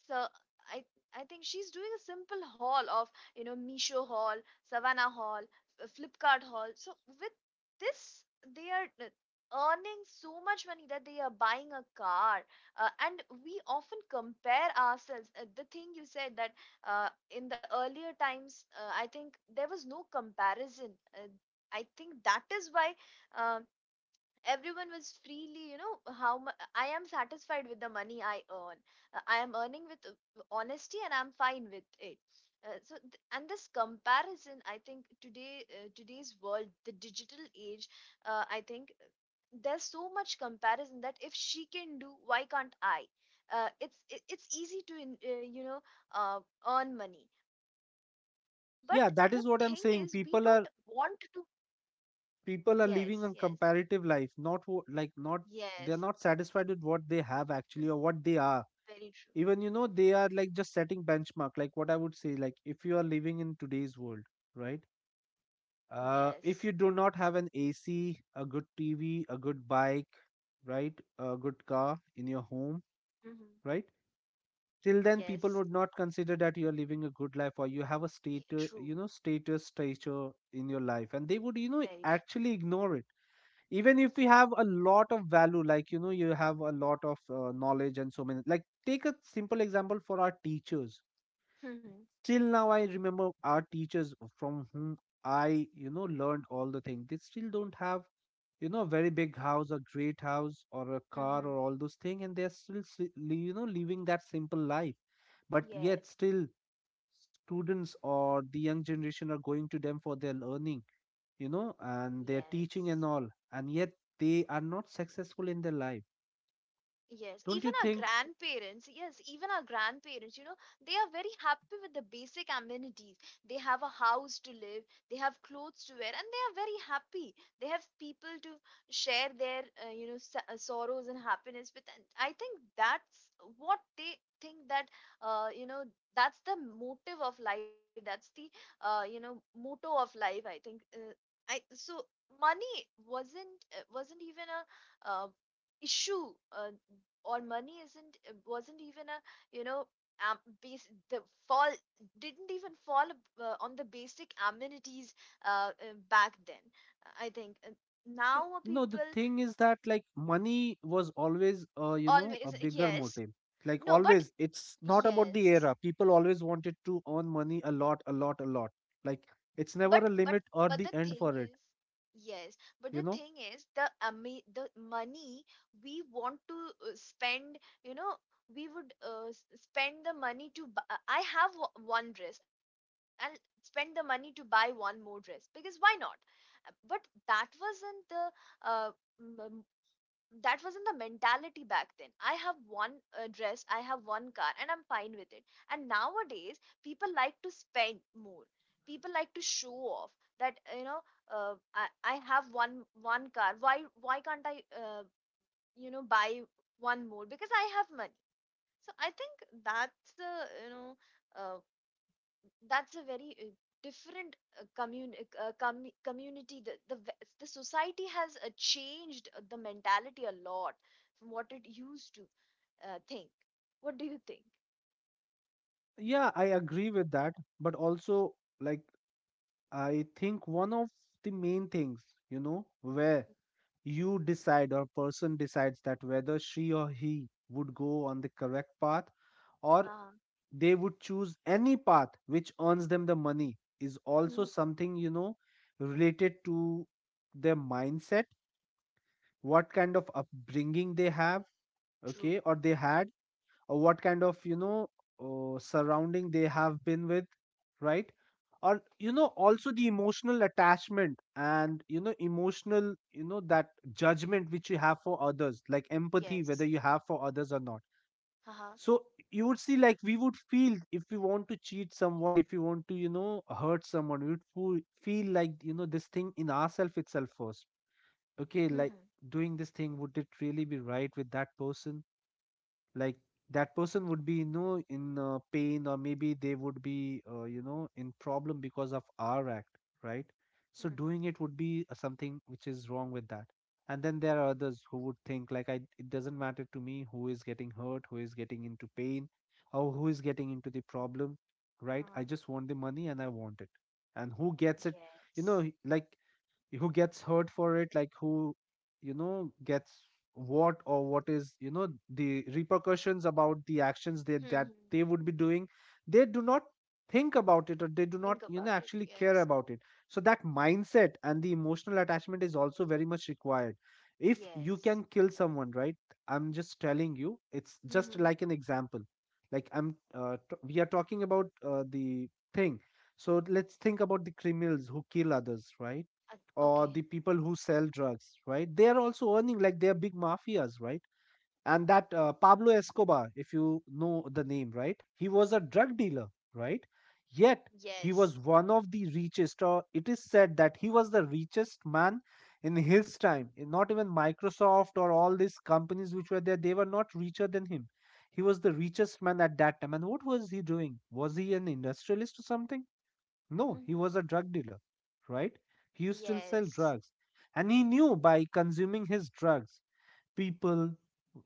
Speaker 1: so I I think she's doing a simple haul of, you know, Misho haul, Savannah haul, F- Flipkart haul. So with this, they are earning so much money that they are buying a car. And we often compare ourselves. The thing you said, that uh, in the earlier times, I think there was no comparison. Uh, I think that is why um, everyone was freely, you know, I am satisfied with the money I earn. I am earning with honesty and I'm fine with it. And this comparison, I think today, today's world, the digital age, I think there's so much comparison that if she can do, why can't I? It's easy to you know, uh, earn money, but the thing is
Speaker 2: Yeah,
Speaker 1: we
Speaker 2: that is
Speaker 1: don't
Speaker 2: what I'm saying.
Speaker 1: want to.
Speaker 2: people are
Speaker 1: Yes,
Speaker 2: people are
Speaker 1: yes,
Speaker 2: living a comparative life. Not like, not,
Speaker 1: yes.
Speaker 2: they're not satisfied with what they
Speaker 1: Hmm,
Speaker 2: have, actually, or what they are.
Speaker 1: very true.
Speaker 2: Even they are, like, just setting benchmark. Like, what I would say, like, if you are living in today's world, right?
Speaker 1: Yes.
Speaker 2: If you do not have an AC, a good TV, a good bike, right, a good car in your home,
Speaker 1: Mm-hmm.
Speaker 2: right, till then
Speaker 1: Yes.
Speaker 2: people would not consider that you are living a good life, or you have a status
Speaker 1: True.
Speaker 2: you know status stature in your life, and they would,
Speaker 1: Very true.
Speaker 2: actually ignore it. Even if you have a lot of value, like, you have a lot of knowledge, and so many, like, take a simple example, for our teachers.
Speaker 1: Mm-hmm.
Speaker 2: Till now, I remember our teachers, from whom I learned all the things, they still don't have, a very big house, a great house, or a car,
Speaker 1: Mm-hmm.
Speaker 2: or all those things, and they're still living that simple life. But yet
Speaker 1: Yes,
Speaker 2: still, students or the young generation are going to them for their learning, and their teaching and
Speaker 1: yes.
Speaker 2: all, and yet they are not successful in their life.
Speaker 1: Yes,
Speaker 2: Don't
Speaker 1: even
Speaker 2: you
Speaker 1: our
Speaker 2: think?
Speaker 1: grandparents, yes, even our grandparents, you know, they are very happy with the basic amenities. They have a house to live, they have clothes to wear, and they are very happy. They have people to share their, uh, sorrows and happiness with. And I think that's what they think, that, uh, you know, that's the motive of life. That's the, motto of life, I think. I so money wasn't even a. Issue, or money isn't wasn't even a, you know, base the fall didn't even fall on the basic amenities back then, I think. Now
Speaker 2: No, the
Speaker 1: people
Speaker 2: thing is that, like, money was always, a
Speaker 1: always,
Speaker 2: bigger
Speaker 1: yes,
Speaker 2: motive. Like,
Speaker 1: no but,
Speaker 2: always. It's not about the
Speaker 1: yes,
Speaker 2: era. People always wanted to earn money a lot, a lot, a lot. Like, it's
Speaker 1: but,
Speaker 2: never a
Speaker 1: but
Speaker 2: limit
Speaker 1: but
Speaker 2: or
Speaker 1: the
Speaker 2: the
Speaker 1: thing
Speaker 2: end for
Speaker 1: is,
Speaker 2: it,
Speaker 1: yes, but the
Speaker 2: you know?
Speaker 1: thing is the money we want to spend, you know. We would spend the money to I have one dress and spend the money to buy one more dress, because why not? But that wasn't the uh, m- that wasn't the mentality back then. I have one dress, I have one car, and I'm fine with it. And nowadays people like to spend more, people like to show off. That, you know, I have one car, why can't I, you know, buy one more because I have money. So I think that's the, you know uh, that's a very different community, the society has changed the mentality a lot from what it used to think. What do you think?
Speaker 2: Yeah, I agree with that. But also, like, I think one of the main things, where
Speaker 1: Mhm.
Speaker 2: you decide, or person decides, that whether she or he would go on the correct path, or
Speaker 1: Uh,
Speaker 2: they would choose any path which earns them the money, is also
Speaker 1: mhm.
Speaker 2: something, related to their mindset, what kind of upbringing they have,
Speaker 1: True,
Speaker 2: okay, or they had, or what kind of, surrounding they have been with, right, or also the emotional attachment, and emotional, that judgment which you have for others, like empathy, whether
Speaker 1: yes.
Speaker 2: you have for others or not.
Speaker 1: Uh-huh.
Speaker 2: So you would see, like, we would feel if we want to cheat someone, if we want to, hurt someone, we would feel like, this thing in ourself itself first.
Speaker 1: Mhm.
Speaker 2: Okay, like, doing this thing, would it really be right with that person? Like, that person would be, in pain, or maybe they would be, in problem because of our act, right?
Speaker 1: Mhm.
Speaker 2: So doing it would be something which is wrong with that. And then there are others who would think, like, I it doesn't matter to me, who is getting hurt, who is getting into pain, or who is getting into the problem, right? I
Speaker 1: Uh-huh.
Speaker 2: just want the money, and I want it, and who gets it,
Speaker 1: Yes.
Speaker 2: like who gets hurt for it, like who, gets what, or what is, the repercussions about the actions that
Speaker 1: Mhm.
Speaker 2: they would be doing, they do not think about it, or they do
Speaker 1: Think
Speaker 2: not,
Speaker 1: about it,
Speaker 2: actually
Speaker 1: yes,
Speaker 2: care about it. So that mindset and the emotional attachment is also very much required. If you
Speaker 1: yes.
Speaker 2: can kill someone, right, I'm just telling you, it's just
Speaker 1: Mhm.
Speaker 2: like an example. Like, we are talking about, the thing. So let's think about the criminals who kill others, right,
Speaker 1: Uh,
Speaker 2: or the
Speaker 1: okay.
Speaker 2: people who sell drugs, right? They are also earning, like they are big mafias, right? And that, Pablo Escobar, if you know the name, right? He was a drug dealer, right? Yet he
Speaker 1: Yes.
Speaker 2: was one of the richest, or it is said that he was the richest man in his time. Not even Microsoft or all these companies which were there, they were not richer than him. He was the richest man at that time. And what was he doing? Was he an industrialist or something? No,
Speaker 1: Mhm.
Speaker 2: he was a drug dealer, right? He used to sell
Speaker 1: Yes.
Speaker 2: drugs. And he knew by consuming his drugs, people,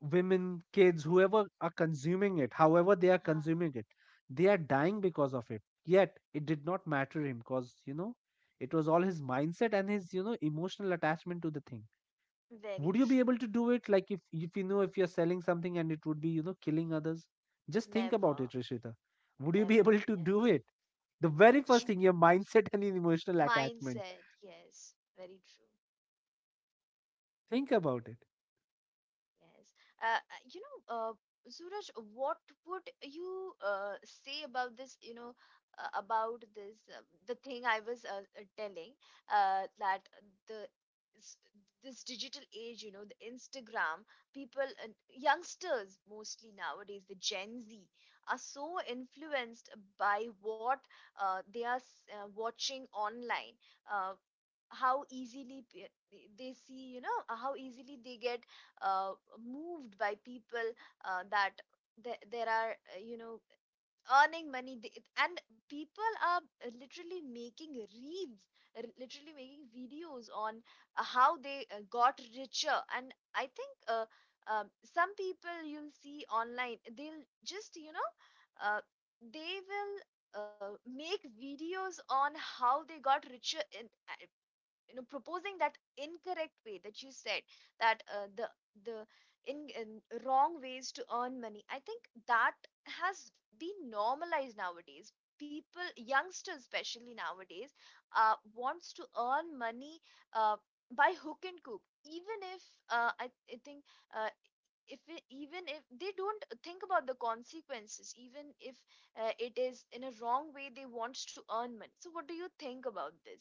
Speaker 2: women, kids, whoever are consuming it, however they are
Speaker 1: Ah.
Speaker 2: consuming it, they are dying because of it. Yet it did not matter him because it was all his mindset and his emotional attachment to the thing.
Speaker 1: Very
Speaker 2: Would you
Speaker 1: true.
Speaker 2: be able to do it? Like if you know, if you're selling something and it would be, you know, killing others, just think about
Speaker 1: Never.
Speaker 2: it, Rishita. Would you be
Speaker 1: Never,
Speaker 2: able to do
Speaker 1: yes.
Speaker 2: it? The very first thing, your
Speaker 1: Yes.
Speaker 2: mindset and your emotional attachment.
Speaker 1: Mindset, yes. Very true.
Speaker 2: Think about it.
Speaker 1: Yes. Uh, uh, you know, Suraj, what would you say about this? You know, about this, the thing I was telling, that the s- this digital age, you know, the Instagram people, and youngsters mostly nowadays, the Gen Z, are so influenced by what watching online. Uh, how easily they see, you know, how easily they get uh, moved by people, that there are, you know, earning money. They, and people are literally making reels, literally making videos on how they got richer. And I think, um, some people you'll see online, they'll just, you know, uh, they will make videos on how they got richer in, you know, proposing that incorrect way that you said, that the in wrong ways to earn money. I think that has been normalized nowadays. People, youngsters especially nowadays, wants to earn money uh, by hook and crook, even if, uh, I, I think, uh, if it, even if they don't think about the consequences, even if it is in a wrong way, they want to earn money. So what do you think about this?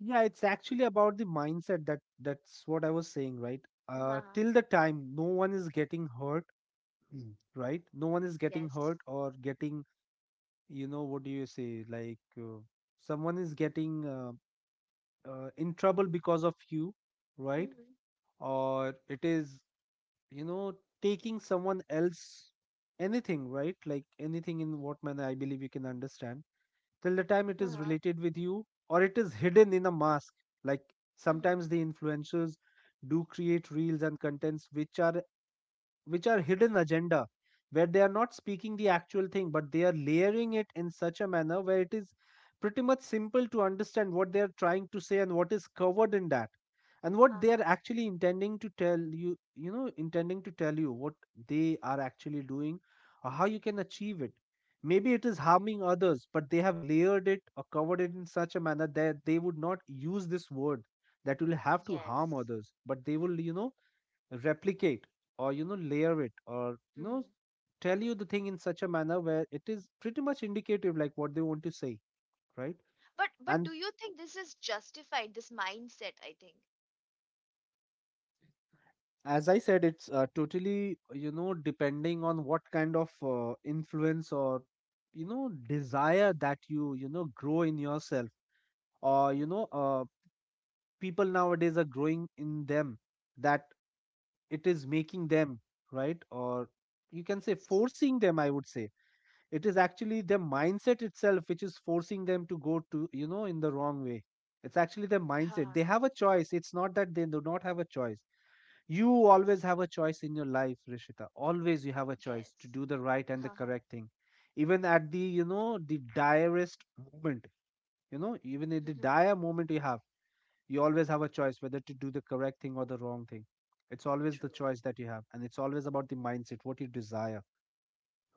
Speaker 2: Yeah, it's actually about the mindset. That, that's what I was saying, right?
Speaker 1: Uh-huh.
Speaker 2: Till the time no one is getting hurt. Mm. Right, no one is getting
Speaker 1: Yes.
Speaker 2: hurt or getting, you know, what do you say, like, someone is getting in trouble because of you, right?
Speaker 1: Mm-hmm.
Speaker 2: Or it is, you know, taking someone else anything, right? Like anything, in what manner, I believe you can understand. Till the time it
Speaker 1: Uh-huh.
Speaker 2: is related with you or it is hidden in a mask. Like
Speaker 1: Mm-hmm.
Speaker 2: sometimes the influencers do create reels and contents which are, hidden agenda, where they are not speaking the actual thing but they are layering it in such a manner where it is pretty much simple to understand what they are trying to say, and what is covered in that, and what they
Speaker 1: Uh-huh.
Speaker 2: are actually intending to tell you. You know, intending to tell you what they are actually doing, or how you can achieve it. Maybe it is harming others, but they have layered it or covered it in such a manner that they would not use this word that will have to harm
Speaker 1: Yes.
Speaker 2: others, but they will, you know, replicate, or you know, layer it, or you know,
Speaker 1: Mm-hmm.
Speaker 2: tell you the thing in such a manner where it is pretty much indicative, like what they want to say, right?
Speaker 1: But do
Speaker 2: And
Speaker 1: you think this is justified, this mindset, I think?
Speaker 2: as I said, it's totally, you know, depending on what kind of influence or, you know, desire that you know, grow in yourself,
Speaker 1: Mhm.
Speaker 2: or you know people nowadays are growing in them, that it is making them right, or you can say
Speaker 1: Yes.
Speaker 2: forcing them, I would say. It is actually their mindset itself which is forcing them to go to, you know, in the wrong way. It's actually their
Speaker 1: Uh-huh.
Speaker 2: mindset. They have a choice. It's not that they do not have a choice. You
Speaker 1: Yes,
Speaker 2: always have a choice in your life, Rishita. Always you have a
Speaker 1: yes.
Speaker 2: choice to do the right and the
Speaker 1: Uh-huh.
Speaker 2: correct thing. Even at the, you know, the direst moment, you know, even at the
Speaker 1: Mm-hmm.
Speaker 2: dire moment, you have, you always have a choice whether to do the correct thing or the wrong thing. It's always the
Speaker 1: True.
Speaker 2: choice that you have, and it's always about the mindset, what you desire,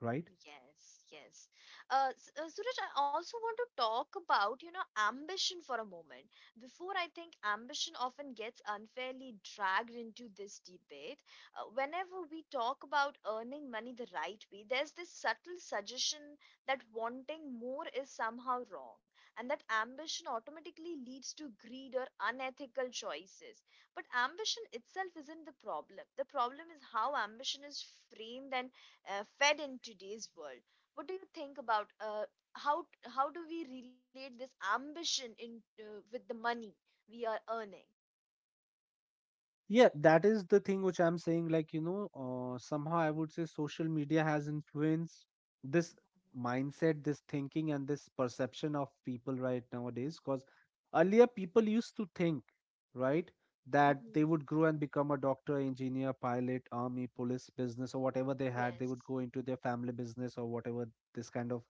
Speaker 2: right?
Speaker 1: Yes, yes. Suraj, I also want to talk about, you know, ambition for a moment. Before, I think ambition often gets unfairly dragged into this debate. Whenever we talk about earning money the right way, there's this subtle suggestion that wanting more is somehow wrong, and that ambition automatically leads to greed or unethical choices. But ambition itself isn't the problem. The problem is how ambition is framed and fed in today's world. What do you think about, how do we relate this ambition in, with the money we are earning?
Speaker 2: Yeah, that is the thing which I'm saying. Like, you know, somehow I would say social media has influenced this mindset, this thinking, and this perception of people right nowadays. Because earlier people used to think, right, that they
Speaker 1: Mhm.
Speaker 2: would grow and become a doctor, engineer, pilot, army, police, business, or whatever they had. They would
Speaker 1: Yes.
Speaker 2: go into their family business or whatever. This kind of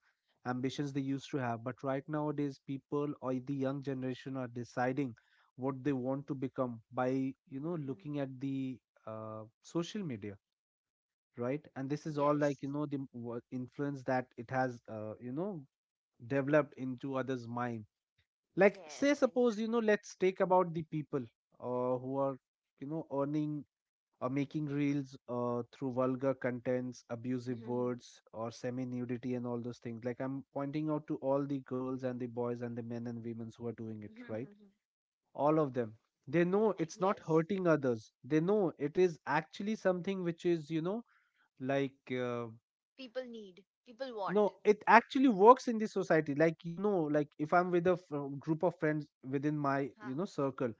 Speaker 2: ambitions they used to have. But right nowadays, people or the young generation are deciding what they want to become by, you know,
Speaker 1: Mhm.
Speaker 2: looking at the social media, right? And this is all,
Speaker 1: Yes,
Speaker 2: like, you know, the influence that it has, you know, developed into others' mind. Like,
Speaker 1: yes.
Speaker 2: say,
Speaker 1: Very.
Speaker 2: suppose, you know, let's take about the people who are, you know, earning or making reels through vulgar contents,
Speaker 1: True.
Speaker 2: abusive
Speaker 1: Mhm.
Speaker 2: words, or semi nudity and all those things. Like, I'm pointing out to all the girls and the boys and the men and women who are doing it,
Speaker 1: Mhm.
Speaker 2: right?
Speaker 1: Mhm.
Speaker 2: All of them, they know it's not
Speaker 1: Yes.
Speaker 2: hurting others. They know it is actually something which is, you know, like
Speaker 1: People need. People
Speaker 2: no,
Speaker 1: want.
Speaker 2: it actually works in the society. Like, you know, like if I'm with a group of friends within my,
Speaker 1: Ha
Speaker 2: you know, circle,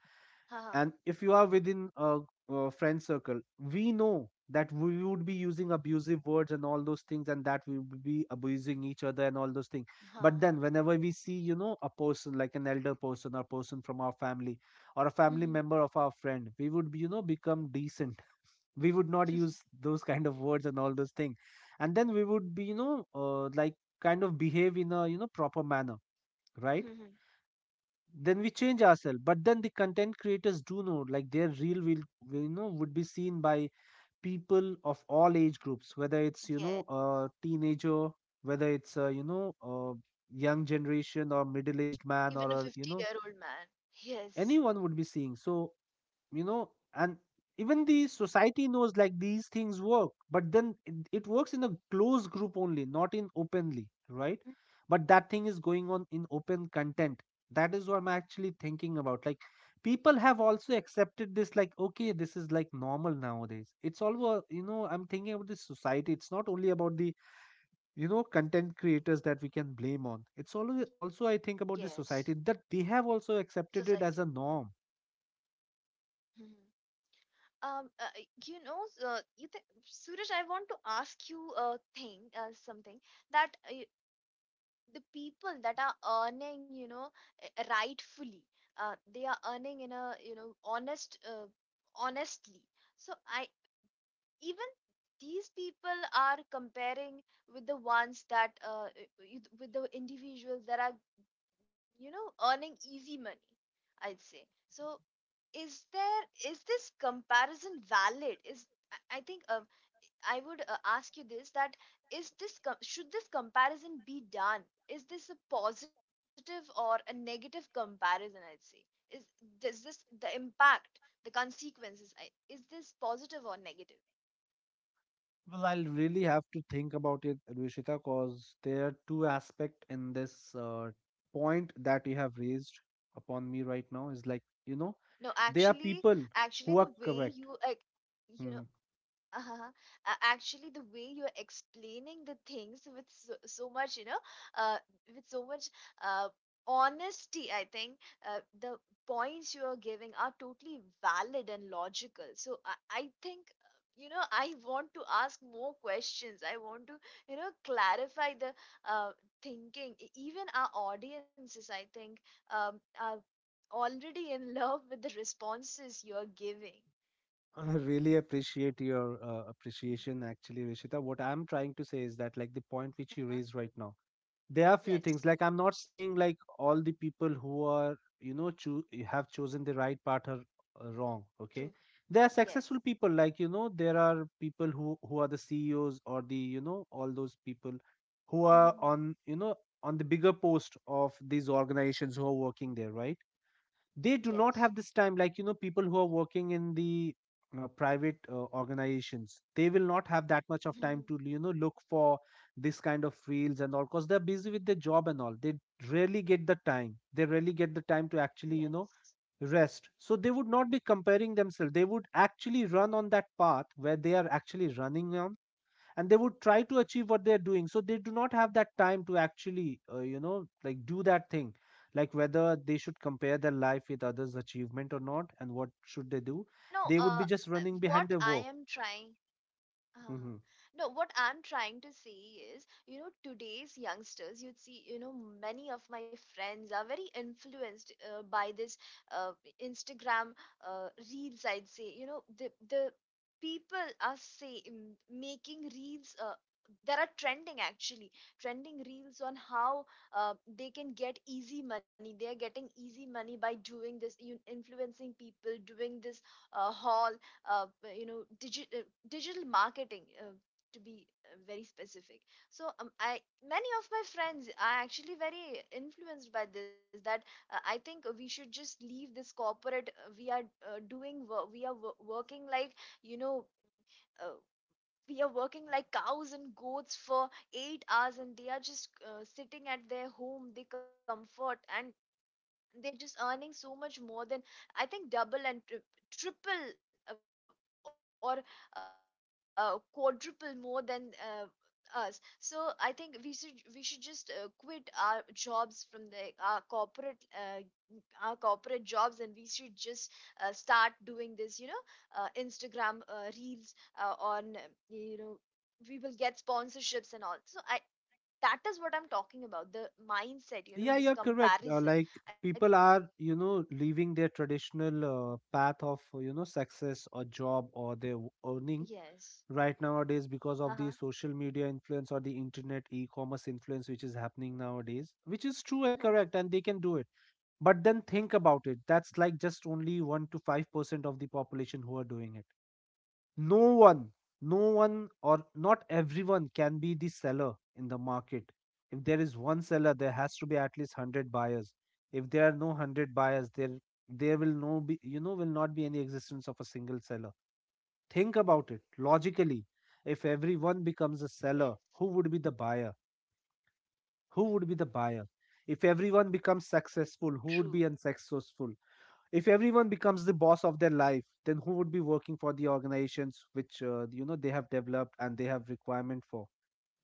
Speaker 1: ha
Speaker 2: and if you are within a friend circle, we know that we would be using abusive words and all those things, and that we would be abusing each other and all those things.
Speaker 1: ha
Speaker 2: But then
Speaker 1: ha.
Speaker 2: whenever we see, you know, a person like an elder person, or person from our family, or a family
Speaker 1: Mhm.
Speaker 2: member of our friend, we would be, you know, become decent. We would not use those kind of words and all those things, and then we would be, you know, like, kind of behave in a, you know, proper manner, right?
Speaker 1: Mhm.
Speaker 2: Then we change ourselves. But then the content creators do know, like their reel will, you know, would be seen by people of all age groups, whether it's, you know,
Speaker 1: Yes.
Speaker 2: a teenager, whether it's a, you know, a young generation, or middle aged man,
Speaker 1: Even
Speaker 2: or
Speaker 1: a
Speaker 2: a, you know,
Speaker 1: 50-year-old man. Yes.
Speaker 2: anyone would be seeing. So, you know, and even the society knows, like, these things work, but then it works in a closed group only, not in openly, right? But that thing is going on in open content. That is what I'm actually thinking about. Like, people have also accepted this, like, okay, this is like normal nowadays. It's all
Speaker 1: Mhm.
Speaker 2: you know, I'm thinking about this society. It's not only about the, you know, content creators that we can blame on. It's always also, I
Speaker 1: Yes.
Speaker 2: think about the society, that they have also
Speaker 1: Society.
Speaker 2: accepted it as a norm.
Speaker 1: Mhm. Um, uh, uh, you know, you think Suraj, I want to ask you a thing, something that, the people that are earning, you know, rightfully, they are earning in a, you know, honest, honestly. So I, even these people are comparing with the ones that, with the individuals that are, you know, earning easy money, I'd say. So is there, is this comparison valid? Is, I think, I would ask you this, that is this should this comparison be done? Is this a positive or a negative comparison, I'd say? Is, does this, the impact, the consequences, is this positive or negative?
Speaker 2: Well, I'll really have to think about it, Rushita, because there are two aspects in this point that you have raised upon me right now, is like, you
Speaker 1: No,
Speaker 2: know,
Speaker 1: actually,
Speaker 2: there are people
Speaker 1: actually the
Speaker 2: who
Speaker 1: way
Speaker 2: are
Speaker 1: you uh,
Speaker 2: correct.
Speaker 1: you know,
Speaker 2: Hmm.
Speaker 1: uh-huh. Actually, the way you're explaining the things with so, so much, you know, uh, with so much uh, honesty, I think the points you are giving are totally valid and logical. So I think, you know, I want to ask more questions. I want to, you know, clarify the uh, thinking. Even our audiences, I think, are already in love with the responses you're giving.
Speaker 2: I really appreciate your
Speaker 1: Uh-huh.
Speaker 2: appreciation, actually, Rushita. What I'm trying to say is that, like, the point which you raised right now, there are few things.
Speaker 1: Yes.
Speaker 2: Like, I'm not saying like all the people who are, you know, have chosen the right path are wrong,
Speaker 1: True.
Speaker 2: okay? There are
Speaker 1: Yes.
Speaker 2: successful people, like, you know, there are people who, are the CEOs or the, you know, all those people who are on,
Speaker 1: Mhm.
Speaker 2: you know, on the bigger post of these organizations, who are working there, right? They do
Speaker 1: Yes.
Speaker 2: not have this time. Like, you know, people who are working in the private organizations, they will not have that much
Speaker 1: Mhm.
Speaker 2: of time to, you know, look for this kind of reels and all, because they're busy with their job and all. They rarely get the time, to actually, you know,
Speaker 1: Yes.
Speaker 2: rest. So they would not be comparing themselves. They would actually run on that path where they are actually running on, and they would try to achieve what they're doing. So they do not have that time to actually, you know, like, do that thing, like whether they should compare their life with others' achievement or not and what should they do.
Speaker 1: No,
Speaker 2: They would be just running
Speaker 1: what
Speaker 2: behind
Speaker 1: I
Speaker 2: their
Speaker 1: am
Speaker 2: work.
Speaker 1: trying, Uh,
Speaker 2: Hmm.
Speaker 1: no, what I'm trying to say is, you know, today's youngsters, you'd see, you know, many of my friends are very influenced by this uh, Instagram reels, I'd say. You know, the people are making reels that are trending actually, trending reels on how they can get easy money. They are getting easy money by doing this, you influencing people, doing this haul, uh, you know, digital marketing, to be very specific. So um, i many of my friends are actually very influenced by this, that I think we should just leave this corporate. We are doing work. We are working like, you know, uh, we are working like cows and goats for 8 hours, and they are just sitting at their home, they comfort, and they're just earning so much more than, I think, double and triple, or quadruple more than uh, us. So I think we should just quit our jobs from the— our corporate, our corporate jobs, and we should just start doing this, you know, Instagram reels on, you know, we will get sponsorships and all. So I that is what I'm talking about, the
Speaker 2: Yeah, you're
Speaker 1: mindset, you
Speaker 2: correct.
Speaker 1: know, this
Speaker 2: Like,
Speaker 1: comparison.
Speaker 2: people are,
Speaker 1: I
Speaker 2: you know, leaving their traditional path of, you know, success or job or their earning right
Speaker 1: Yes.
Speaker 2: nowadays because of the social media
Speaker 1: Uh-huh.
Speaker 2: influence or the internet e-commerce influence which is happening nowadays, which is true and correct, and they can do
Speaker 1: Uh-huh.
Speaker 2: it. But then think about it. That's like just only 1 to 5% of the population who are doing it. No one, no one, or not
Speaker 1: Yes.
Speaker 2: everyone can be the seller in the market. If there is one seller, there has to be at least 100 buyers. If there are no 100 buyers, there will no be will not be any existence of a single seller. Think about it logically. If everyone becomes a seller, who would be the buyer?
Speaker 1: Yes.
Speaker 2: who would be the buyer if everyone becomes successful, who would be
Speaker 1: True.
Speaker 2: unsuccessful? If everyone becomes the boss of their life, then who would be working for the organizations which you know they have developed and they have requirement for?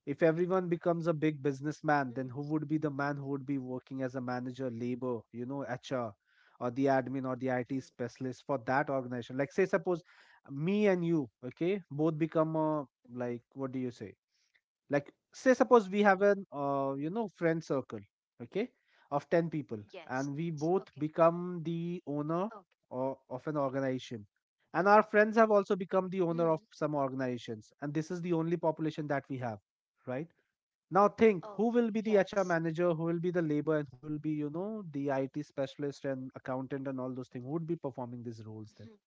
Speaker 2: If everyone becomes a big businessman, then who would be the
Speaker 1: Hmm.
Speaker 2: man who would be working as a manager, labor, you know, hr, or the admin or the it specialist
Speaker 1: True.
Speaker 2: for that organization? Like, say, suppose me and you, okay, both become a, like, what do you
Speaker 1: Hmm.
Speaker 2: say, like, say suppose we have an you know friend circle, okay, of 10 people, and
Speaker 1: Yes.
Speaker 2: we
Speaker 1: Okay.
Speaker 2: both become the owner
Speaker 1: Okay.
Speaker 2: of an organization, and our friends have also become the owner
Speaker 1: Hmm.
Speaker 2: of some organizations, and this is the only population that we have, right? Now think,
Speaker 1: Okay.
Speaker 2: who will be the hr
Speaker 1: Yes.
Speaker 2: manager, who will be the labor, and who will be, you know, the it specialist and accountant and all those things? Who would be performing these roles then?
Speaker 1: Hmm.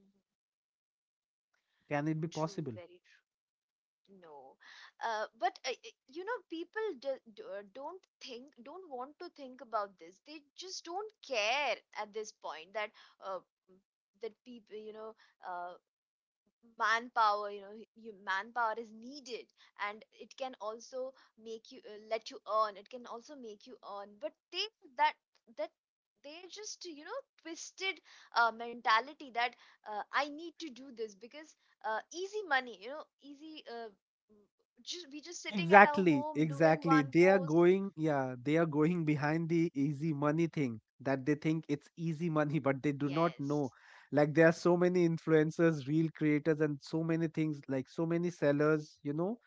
Speaker 1: Hmm.
Speaker 2: Can it be
Speaker 1: True.
Speaker 2: possible?
Speaker 1: Very true. No. But you know, people don't think, don't want to think about this. They just don't care at this point that uh, that people, you know, uh, manpower, you know, you manpower is needed. And it can also make you— let you earn. It can also make you earn, but they— that that they just, you know, twisted mentality, that I need to do this because easy money, you know, easy, just— we just sitting at our
Speaker 2: Exactly,
Speaker 1: home doing
Speaker 2: exactly.
Speaker 1: one
Speaker 2: They are
Speaker 1: post.
Speaker 2: going, yeah, they are going behind the easy money thing, that they think it's easy money, but they do
Speaker 1: Yes.
Speaker 2: not know. Like, there are so many influencers, real creators, and so many things, like so many sellers, you know,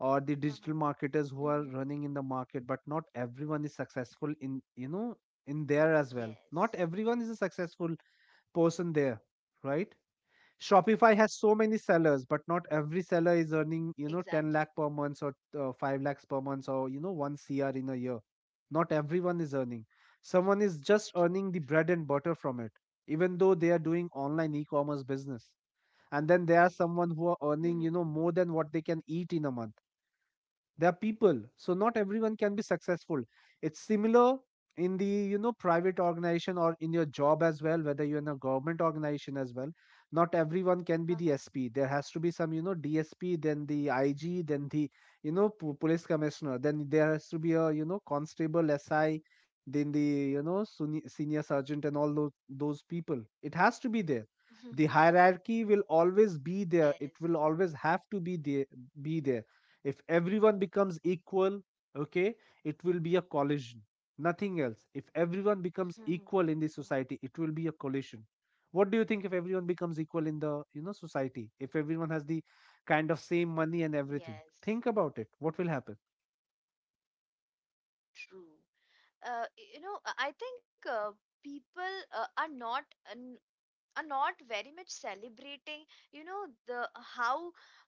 Speaker 2: or the
Speaker 1: Uh-huh.
Speaker 2: digital marketers
Speaker 1: Mm-hmm.
Speaker 2: who are running in the market, but not everyone is successful in, you know, in there as
Speaker 1: Yes.
Speaker 2: well. Not everyone is a successful person there, right? Shopify has so many sellers, but not every seller is earning, you know,
Speaker 1: Exactly.
Speaker 2: 10 lakh per month or 5 lakhs per month or, you know, 1 CR in a year. Not everyone is earning. Someone is just
Speaker 1: True.
Speaker 2: earning the
Speaker 1: True.
Speaker 2: bread and butter from it, even though they are doing online e commerce business. And then there are someone who are earning,
Speaker 1: Mm-hmm.
Speaker 2: you know, more than what they can eat in a month. They are people, so not everyone can be successful. It's similar in the, you know, private organization or in your job as well, whether you're in a government organization as well. Not everyone can be the SP. There has to be some, you know, DSP, then the IG, then the police commissioner. Then there has to be a, you know, constable, SI, then the you know senior sergeant and all those people. It has to be there.
Speaker 1: Uh-huh.
Speaker 2: The hierarchy will always be
Speaker 1: Yes.
Speaker 2: there, it will always have to be there. If everyone becomes equal, okay, it will be a collision, nothing else. If everyone becomes equal in the society, it will be a collision. What do you think if everyone becomes equal in the, you know, society, if everyone has the kind of same money and
Speaker 1: Yes,
Speaker 2: everything? Think about it, what will happen?
Speaker 1: true. You know, I think people are not n- are not very much celebrating, you know, the how, uh,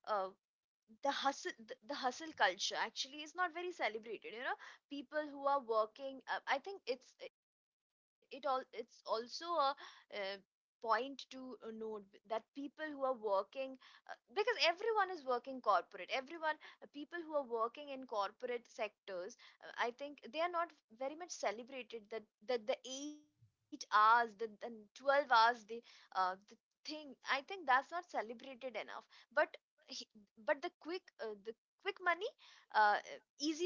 Speaker 1: the hustle, the hustle culture actually is not very celebrated, you know. People who are working, I think it's— it all— it's also a, uh, point to note, that people who are working, because everyone is working corporate, everyone, people who are working in corporate sectors, I think they are not very much celebrated, that the 8 hours, the 12 hours, the thing, I think that's not celebrated enough. But but the quick money, uh, easy money,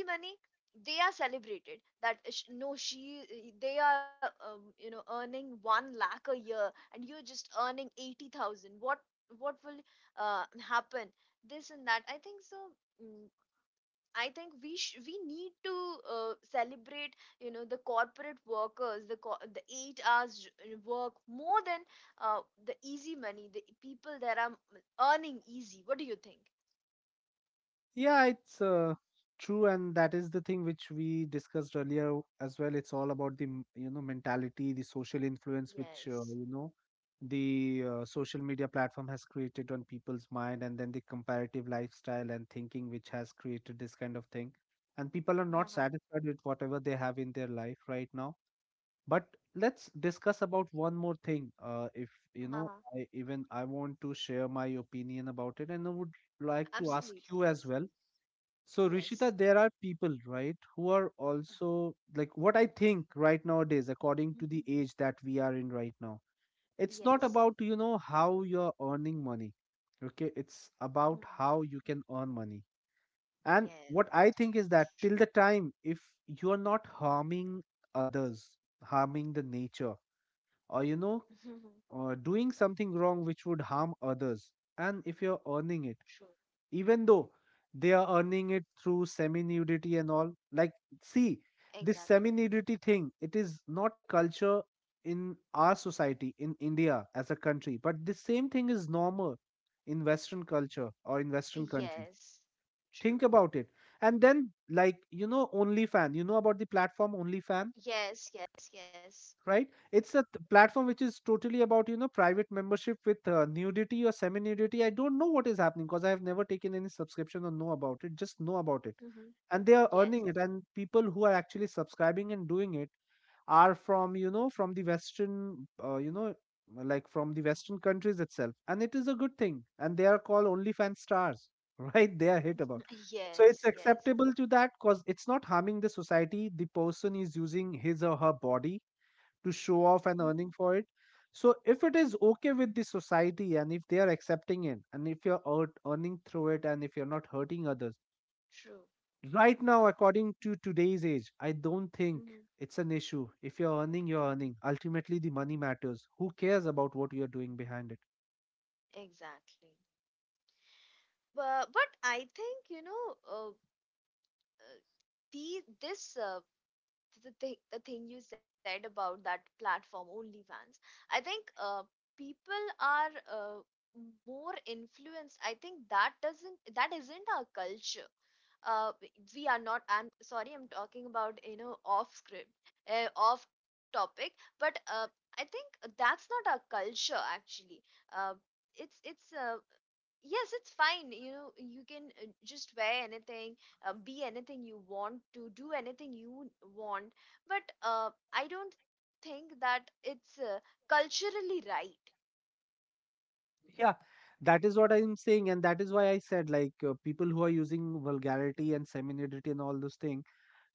Speaker 1: they are celebrated. That sh- no she They are you know, earning 1 lakh a year, and you're just earning 80,000. What— will happen— this and that, I think so. mm, I think we need to celebrate, you know, the corporate workers, the 8 hours work, more than uh, the easy money, the people that are earning easy. What do you think?
Speaker 2: Yeah, it's true, and that is the thing which we discussed earlier as well. It's all about the you know mentality, the social influence which
Speaker 1: Yes.
Speaker 2: you know the social media platform has created on people's mind, and then the comparative lifestyle and thinking which has created this kind of thing. And people are not
Speaker 1: Uh-huh.
Speaker 2: satisfied with whatever they have in their life right now. But let's discuss about one more thing. If you know,
Speaker 1: Uh-huh.
Speaker 2: I, even I want to share my opinion about it, and I would like to ask you
Speaker 1: Absolutely,
Speaker 2: as well.
Speaker 1: absolutely.
Speaker 2: So, Rishita,
Speaker 1: Yes.
Speaker 2: there are people, right, who are also like what I think right nowadays, according to the
Speaker 1: Mhm.
Speaker 2: age that we are in right now. It's not
Speaker 1: Yes.
Speaker 2: about, you know, how you're earning money. Okay. It's about
Speaker 1: Mhm.
Speaker 2: how you can earn money. And what
Speaker 1: Yes,
Speaker 2: I think
Speaker 1: true.
Speaker 2: is that till the time, if you're not harming others, harming the nature, or, you know, doing something wrong which would harm others, and if you're earning it,
Speaker 1: True.
Speaker 2: even though they are earning it through semi nudity and all, like, see, this
Speaker 1: Exactly.
Speaker 2: semi nudity thing, it is not a culture in our society, in india, as a country, but the same thing is normal in western culture or in western countries.
Speaker 1: Yes. True.
Speaker 2: Think about it. And then, like, you know, OnlyFans. You know about the platform OnlyFans,
Speaker 1: Yes, yes, yes.
Speaker 2: right? It's a platform which is totally about, you know, private membership with nudity or semi nudity. I don't know what is happening because I have never taken any subscription or know about it, just know about it.
Speaker 1: Hmm.
Speaker 2: And they are
Speaker 1: Yes.
Speaker 2: earning it, and people who are actually subscribing and doing it are from, you know, from the western you know, like from the western countries itself, and it is a good thing, and they are called OnlyFans stars, right? They are hit about. So it's
Speaker 1: Yes, yes.
Speaker 2: acceptable to that because it's not harming the society. The person is using his or her body to show off
Speaker 1: Mhm.
Speaker 2: and earning for it. So if it is okay with the society and if they are accepting it, and if you're earning through it, and if you're not hurting others,
Speaker 1: True.
Speaker 2: right now, according to today's age, I don't think
Speaker 1: Hmm.
Speaker 2: it's an issue. If you're earning, you're earning. Ultimately, the money matters. Who cares about what you're doing behind it?
Speaker 1: Exactly. But I think, you know, uh, uh, the this uh, the thing you said about that platform OnlyFans. I think people are more influenced. I think that doesn't— that isn't our culture. Uh, we are not— I'm sorry, I'm talking about, you know, off script, off topic. But I think that's not our culture, actually. Uh, it's Yes, it's fine, you know, you can just wear anything, be anything you want, to do anything you want, but I don't think that it's culturally right.
Speaker 2: Yeah, that is what I'm saying, and that is why I said, like, people who are using vulgarity and femininity and all those things,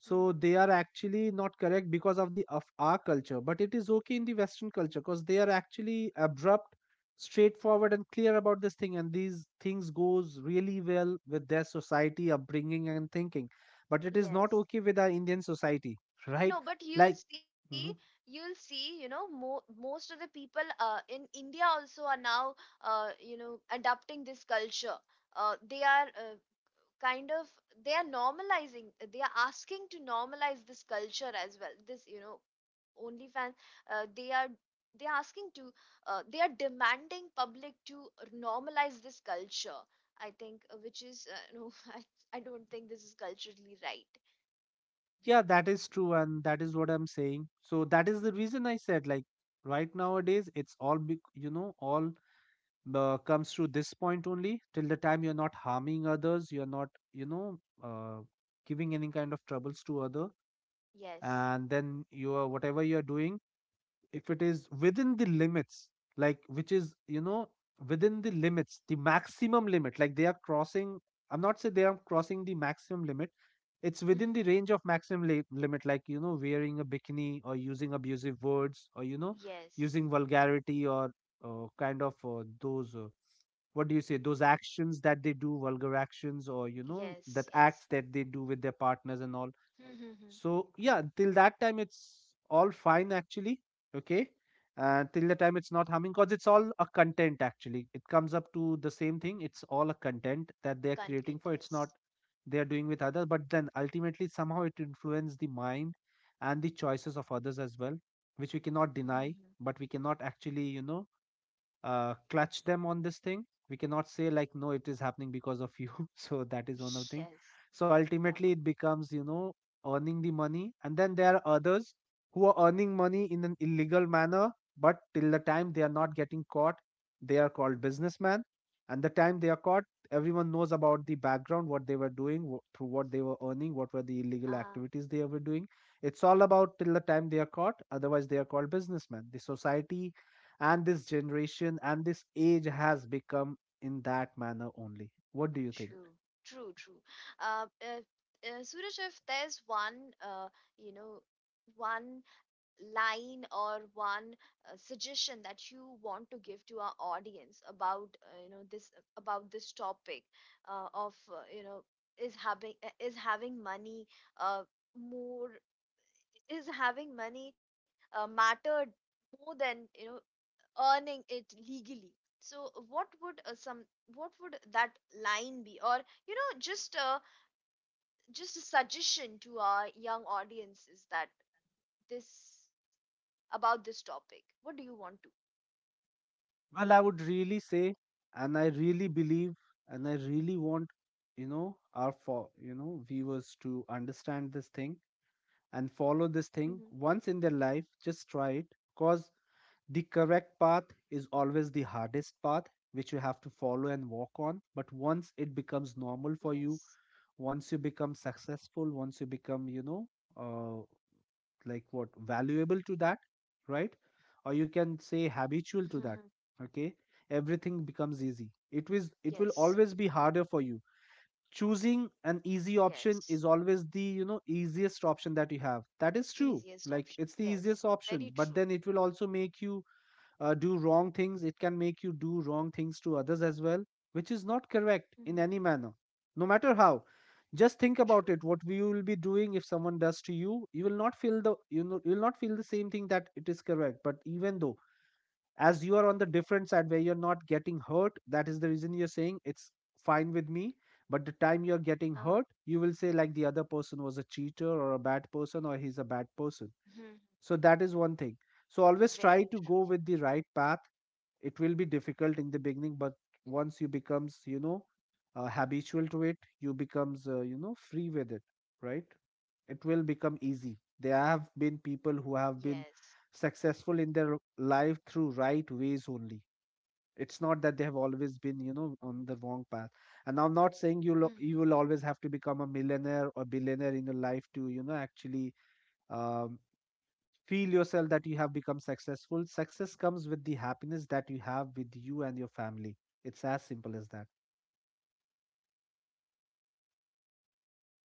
Speaker 2: so
Speaker 1: Hmm.
Speaker 2: they are actually not correct because of the of our culture, but it is okay in the Western culture because they are actually abrupt, straightforward, and clear about this thing, and these things goes really well with their society upbringing and thinking, but it is not
Speaker 1: Yes.
Speaker 2: okay with our Indian society, right?
Speaker 1: No, but
Speaker 2: Like.
Speaker 1: you'll see, you know, mo most of the people in India also are now, you know, adopting this culture. They are, kind of— they are normalizing, they are asking to normalize this culture as well, this, you know, OnlyFans. uh, they are they are asking to— they are demanding public to normalize this culture, I think, which is, no, I don't think this is culturally right.
Speaker 2: Yeah, that is true, and that is what I'm saying. So that is the reason I said, like, right nowadays it's all be, you know, all comes through this point only. Till the time you're not harming others, you're not, you know, giving any kind of troubles to other,
Speaker 1: Yes.
Speaker 2: and then you are whatever you're doing, if it is within the limits, like, which is, you know, within the limits, the maximum limit, like they are crossing. I'm not saying they are crossing the maximum limit. It's within the
Speaker 1: Mm-hmm.
Speaker 2: range of maximum limit, like, you know, wearing a bikini or using abusive words, or, you know,
Speaker 1: Yes,
Speaker 2: using vulgarity or kind of those what do you say, those actions that they do, vulgar actions, or, you know,
Speaker 1: yes,
Speaker 2: that
Speaker 1: yes.
Speaker 2: acts that they do with their partners and all.
Speaker 1: Mm-hmm.
Speaker 2: So yeah, till that time it's all fine actually. Okay. And till the time it's not harming, because it's all a content actually. It comes up to the same thing. It's all a content that they're
Speaker 1: Content.
Speaker 2: creating for. It's
Speaker 1: Yes.
Speaker 2: not they're doing with others, but then ultimately somehow it influences the mind and the choices of others as well, which we cannot deny,
Speaker 1: Mm-hmm.
Speaker 2: but we cannot actually, you know, clutch them on this thing. We cannot say like no, it is happening because of you. So that is one of the thing.
Speaker 1: Yes.
Speaker 2: So
Speaker 1: No.
Speaker 2: ultimately, it becomes, you know, earning the money, and then there are others who are earning money in an illegal manner. But till the time they are not getting caught, they are called businessmen. And the time they are caught, everyone knows about the background, what they were doing, through what they were earning, what were the illegal
Speaker 1: Uh,
Speaker 2: activities they were doing. It's all about till the time they are caught. Otherwise, they are called businessmen. The society and this generation and this age has become in that manner only. What do you think?
Speaker 1: True, true, true. Uh, uh, Suraj, if there's one, you know, one line or one, suggestion that you want to give to our audience about, you know, this about this topic, of, you know, is having money, uh, more— is having money mattered more than, you know, earning it legally. So what would some what would that line be, or, you know, just, just a suggestion to our young audiences, that this about this topic, what do you want to—
Speaker 2: Well, I would really say, and I really believe, and I really want, you know, our, for, you know, viewers to understand this thing and follow
Speaker 1: Mm-hmm.
Speaker 2: this thing once in their life. Just try it, cause the correct path is always the hardest path which you have to follow and walk on, but once it becomes
Speaker 1: Yes.
Speaker 2: normal for you, once you become successful, once you become, you know, uh, like what, valuable to that, right? Or you can say habitual
Speaker 1: Mm-hmm.
Speaker 2: to that, okay, everything becomes easy. It is, it will
Speaker 1: Yes.
Speaker 2: always be harder for you. Choosing an easy option
Speaker 1: Yes.
Speaker 2: is always the, you know, easiest option that you have. That is true,
Speaker 1: Easiest
Speaker 2: like, it's
Speaker 1: option,
Speaker 2: the easiest
Speaker 1: yes.
Speaker 2: option, but
Speaker 1: Very
Speaker 2: then it
Speaker 1: true.
Speaker 2: will also make you do wrong things. It can make you do wrong things to others as well, which is not correct in any manner,
Speaker 1: Mm-hmm.
Speaker 2: no matter how. Just think about it,
Speaker 1: True.
Speaker 2: what we will be doing if someone does to you. You will not feel the, you know, you will not feel the same thing, that it is correct, but even though, as you are on the different side where you're not getting hurt, that is the reason you're saying it's fine with me. But the time you're getting hurt, you will say
Speaker 1: uh,
Speaker 2: like the other person was a cheater or a bad person, or he's a bad person. So that is
Speaker 1: mhm.
Speaker 2: one thing. So always try to
Speaker 1: Very
Speaker 2: go
Speaker 1: true.
Speaker 2: with the right path. It will be difficult in the beginning, but once you becomes, you know, habitual to it, you becomes you know free with it, right? It will become easy. There have been people who have been
Speaker 1: Yes.
Speaker 2: successful in their life through right ways only. It's not that they have always been, you know, on the wrong path. And I'm not saying you will, you will always have to become a millionaire or billionaire in your life to, you know, actually um, feel yourself that you have become successful. Success comes with the happiness that you have with you and your family. It's as simple as that.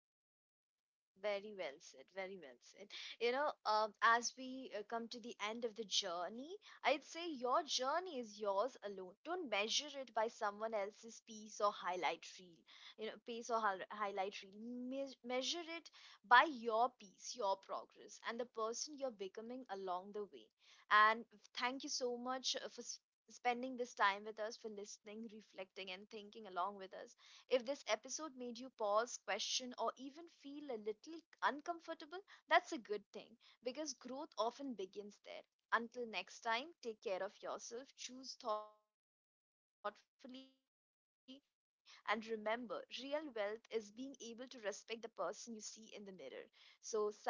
Speaker 1: Very well said. Very well said. You know, as we come to the end of the journey, I'd say your journey is yours alone. Don't measure it by someone else's piece or highlight reel. You know, pace or highlight reel. Measure it by your piece, your progress, and the person you're becoming along the way. And thank you so much, for— spending this time with us, for listening, reflecting, and thinking along with us. If this episode made you pause, question, or even feel a little uncomfortable, that's a good thing, because growth often begins there. Until next time, take care of yourself, choose thoughtfully, and remember, real wealth is being able to respect the person you see in the mirror. So, with this,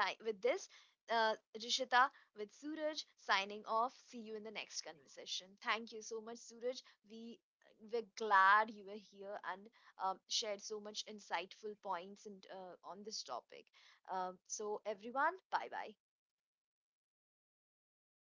Speaker 1: uh, Rishita with Suraj signing off. See you in the next conversation. Thank you so much, Suraj. We we're glad you were here and, shared so much insightful points, and on this topic. So everyone, bye bye.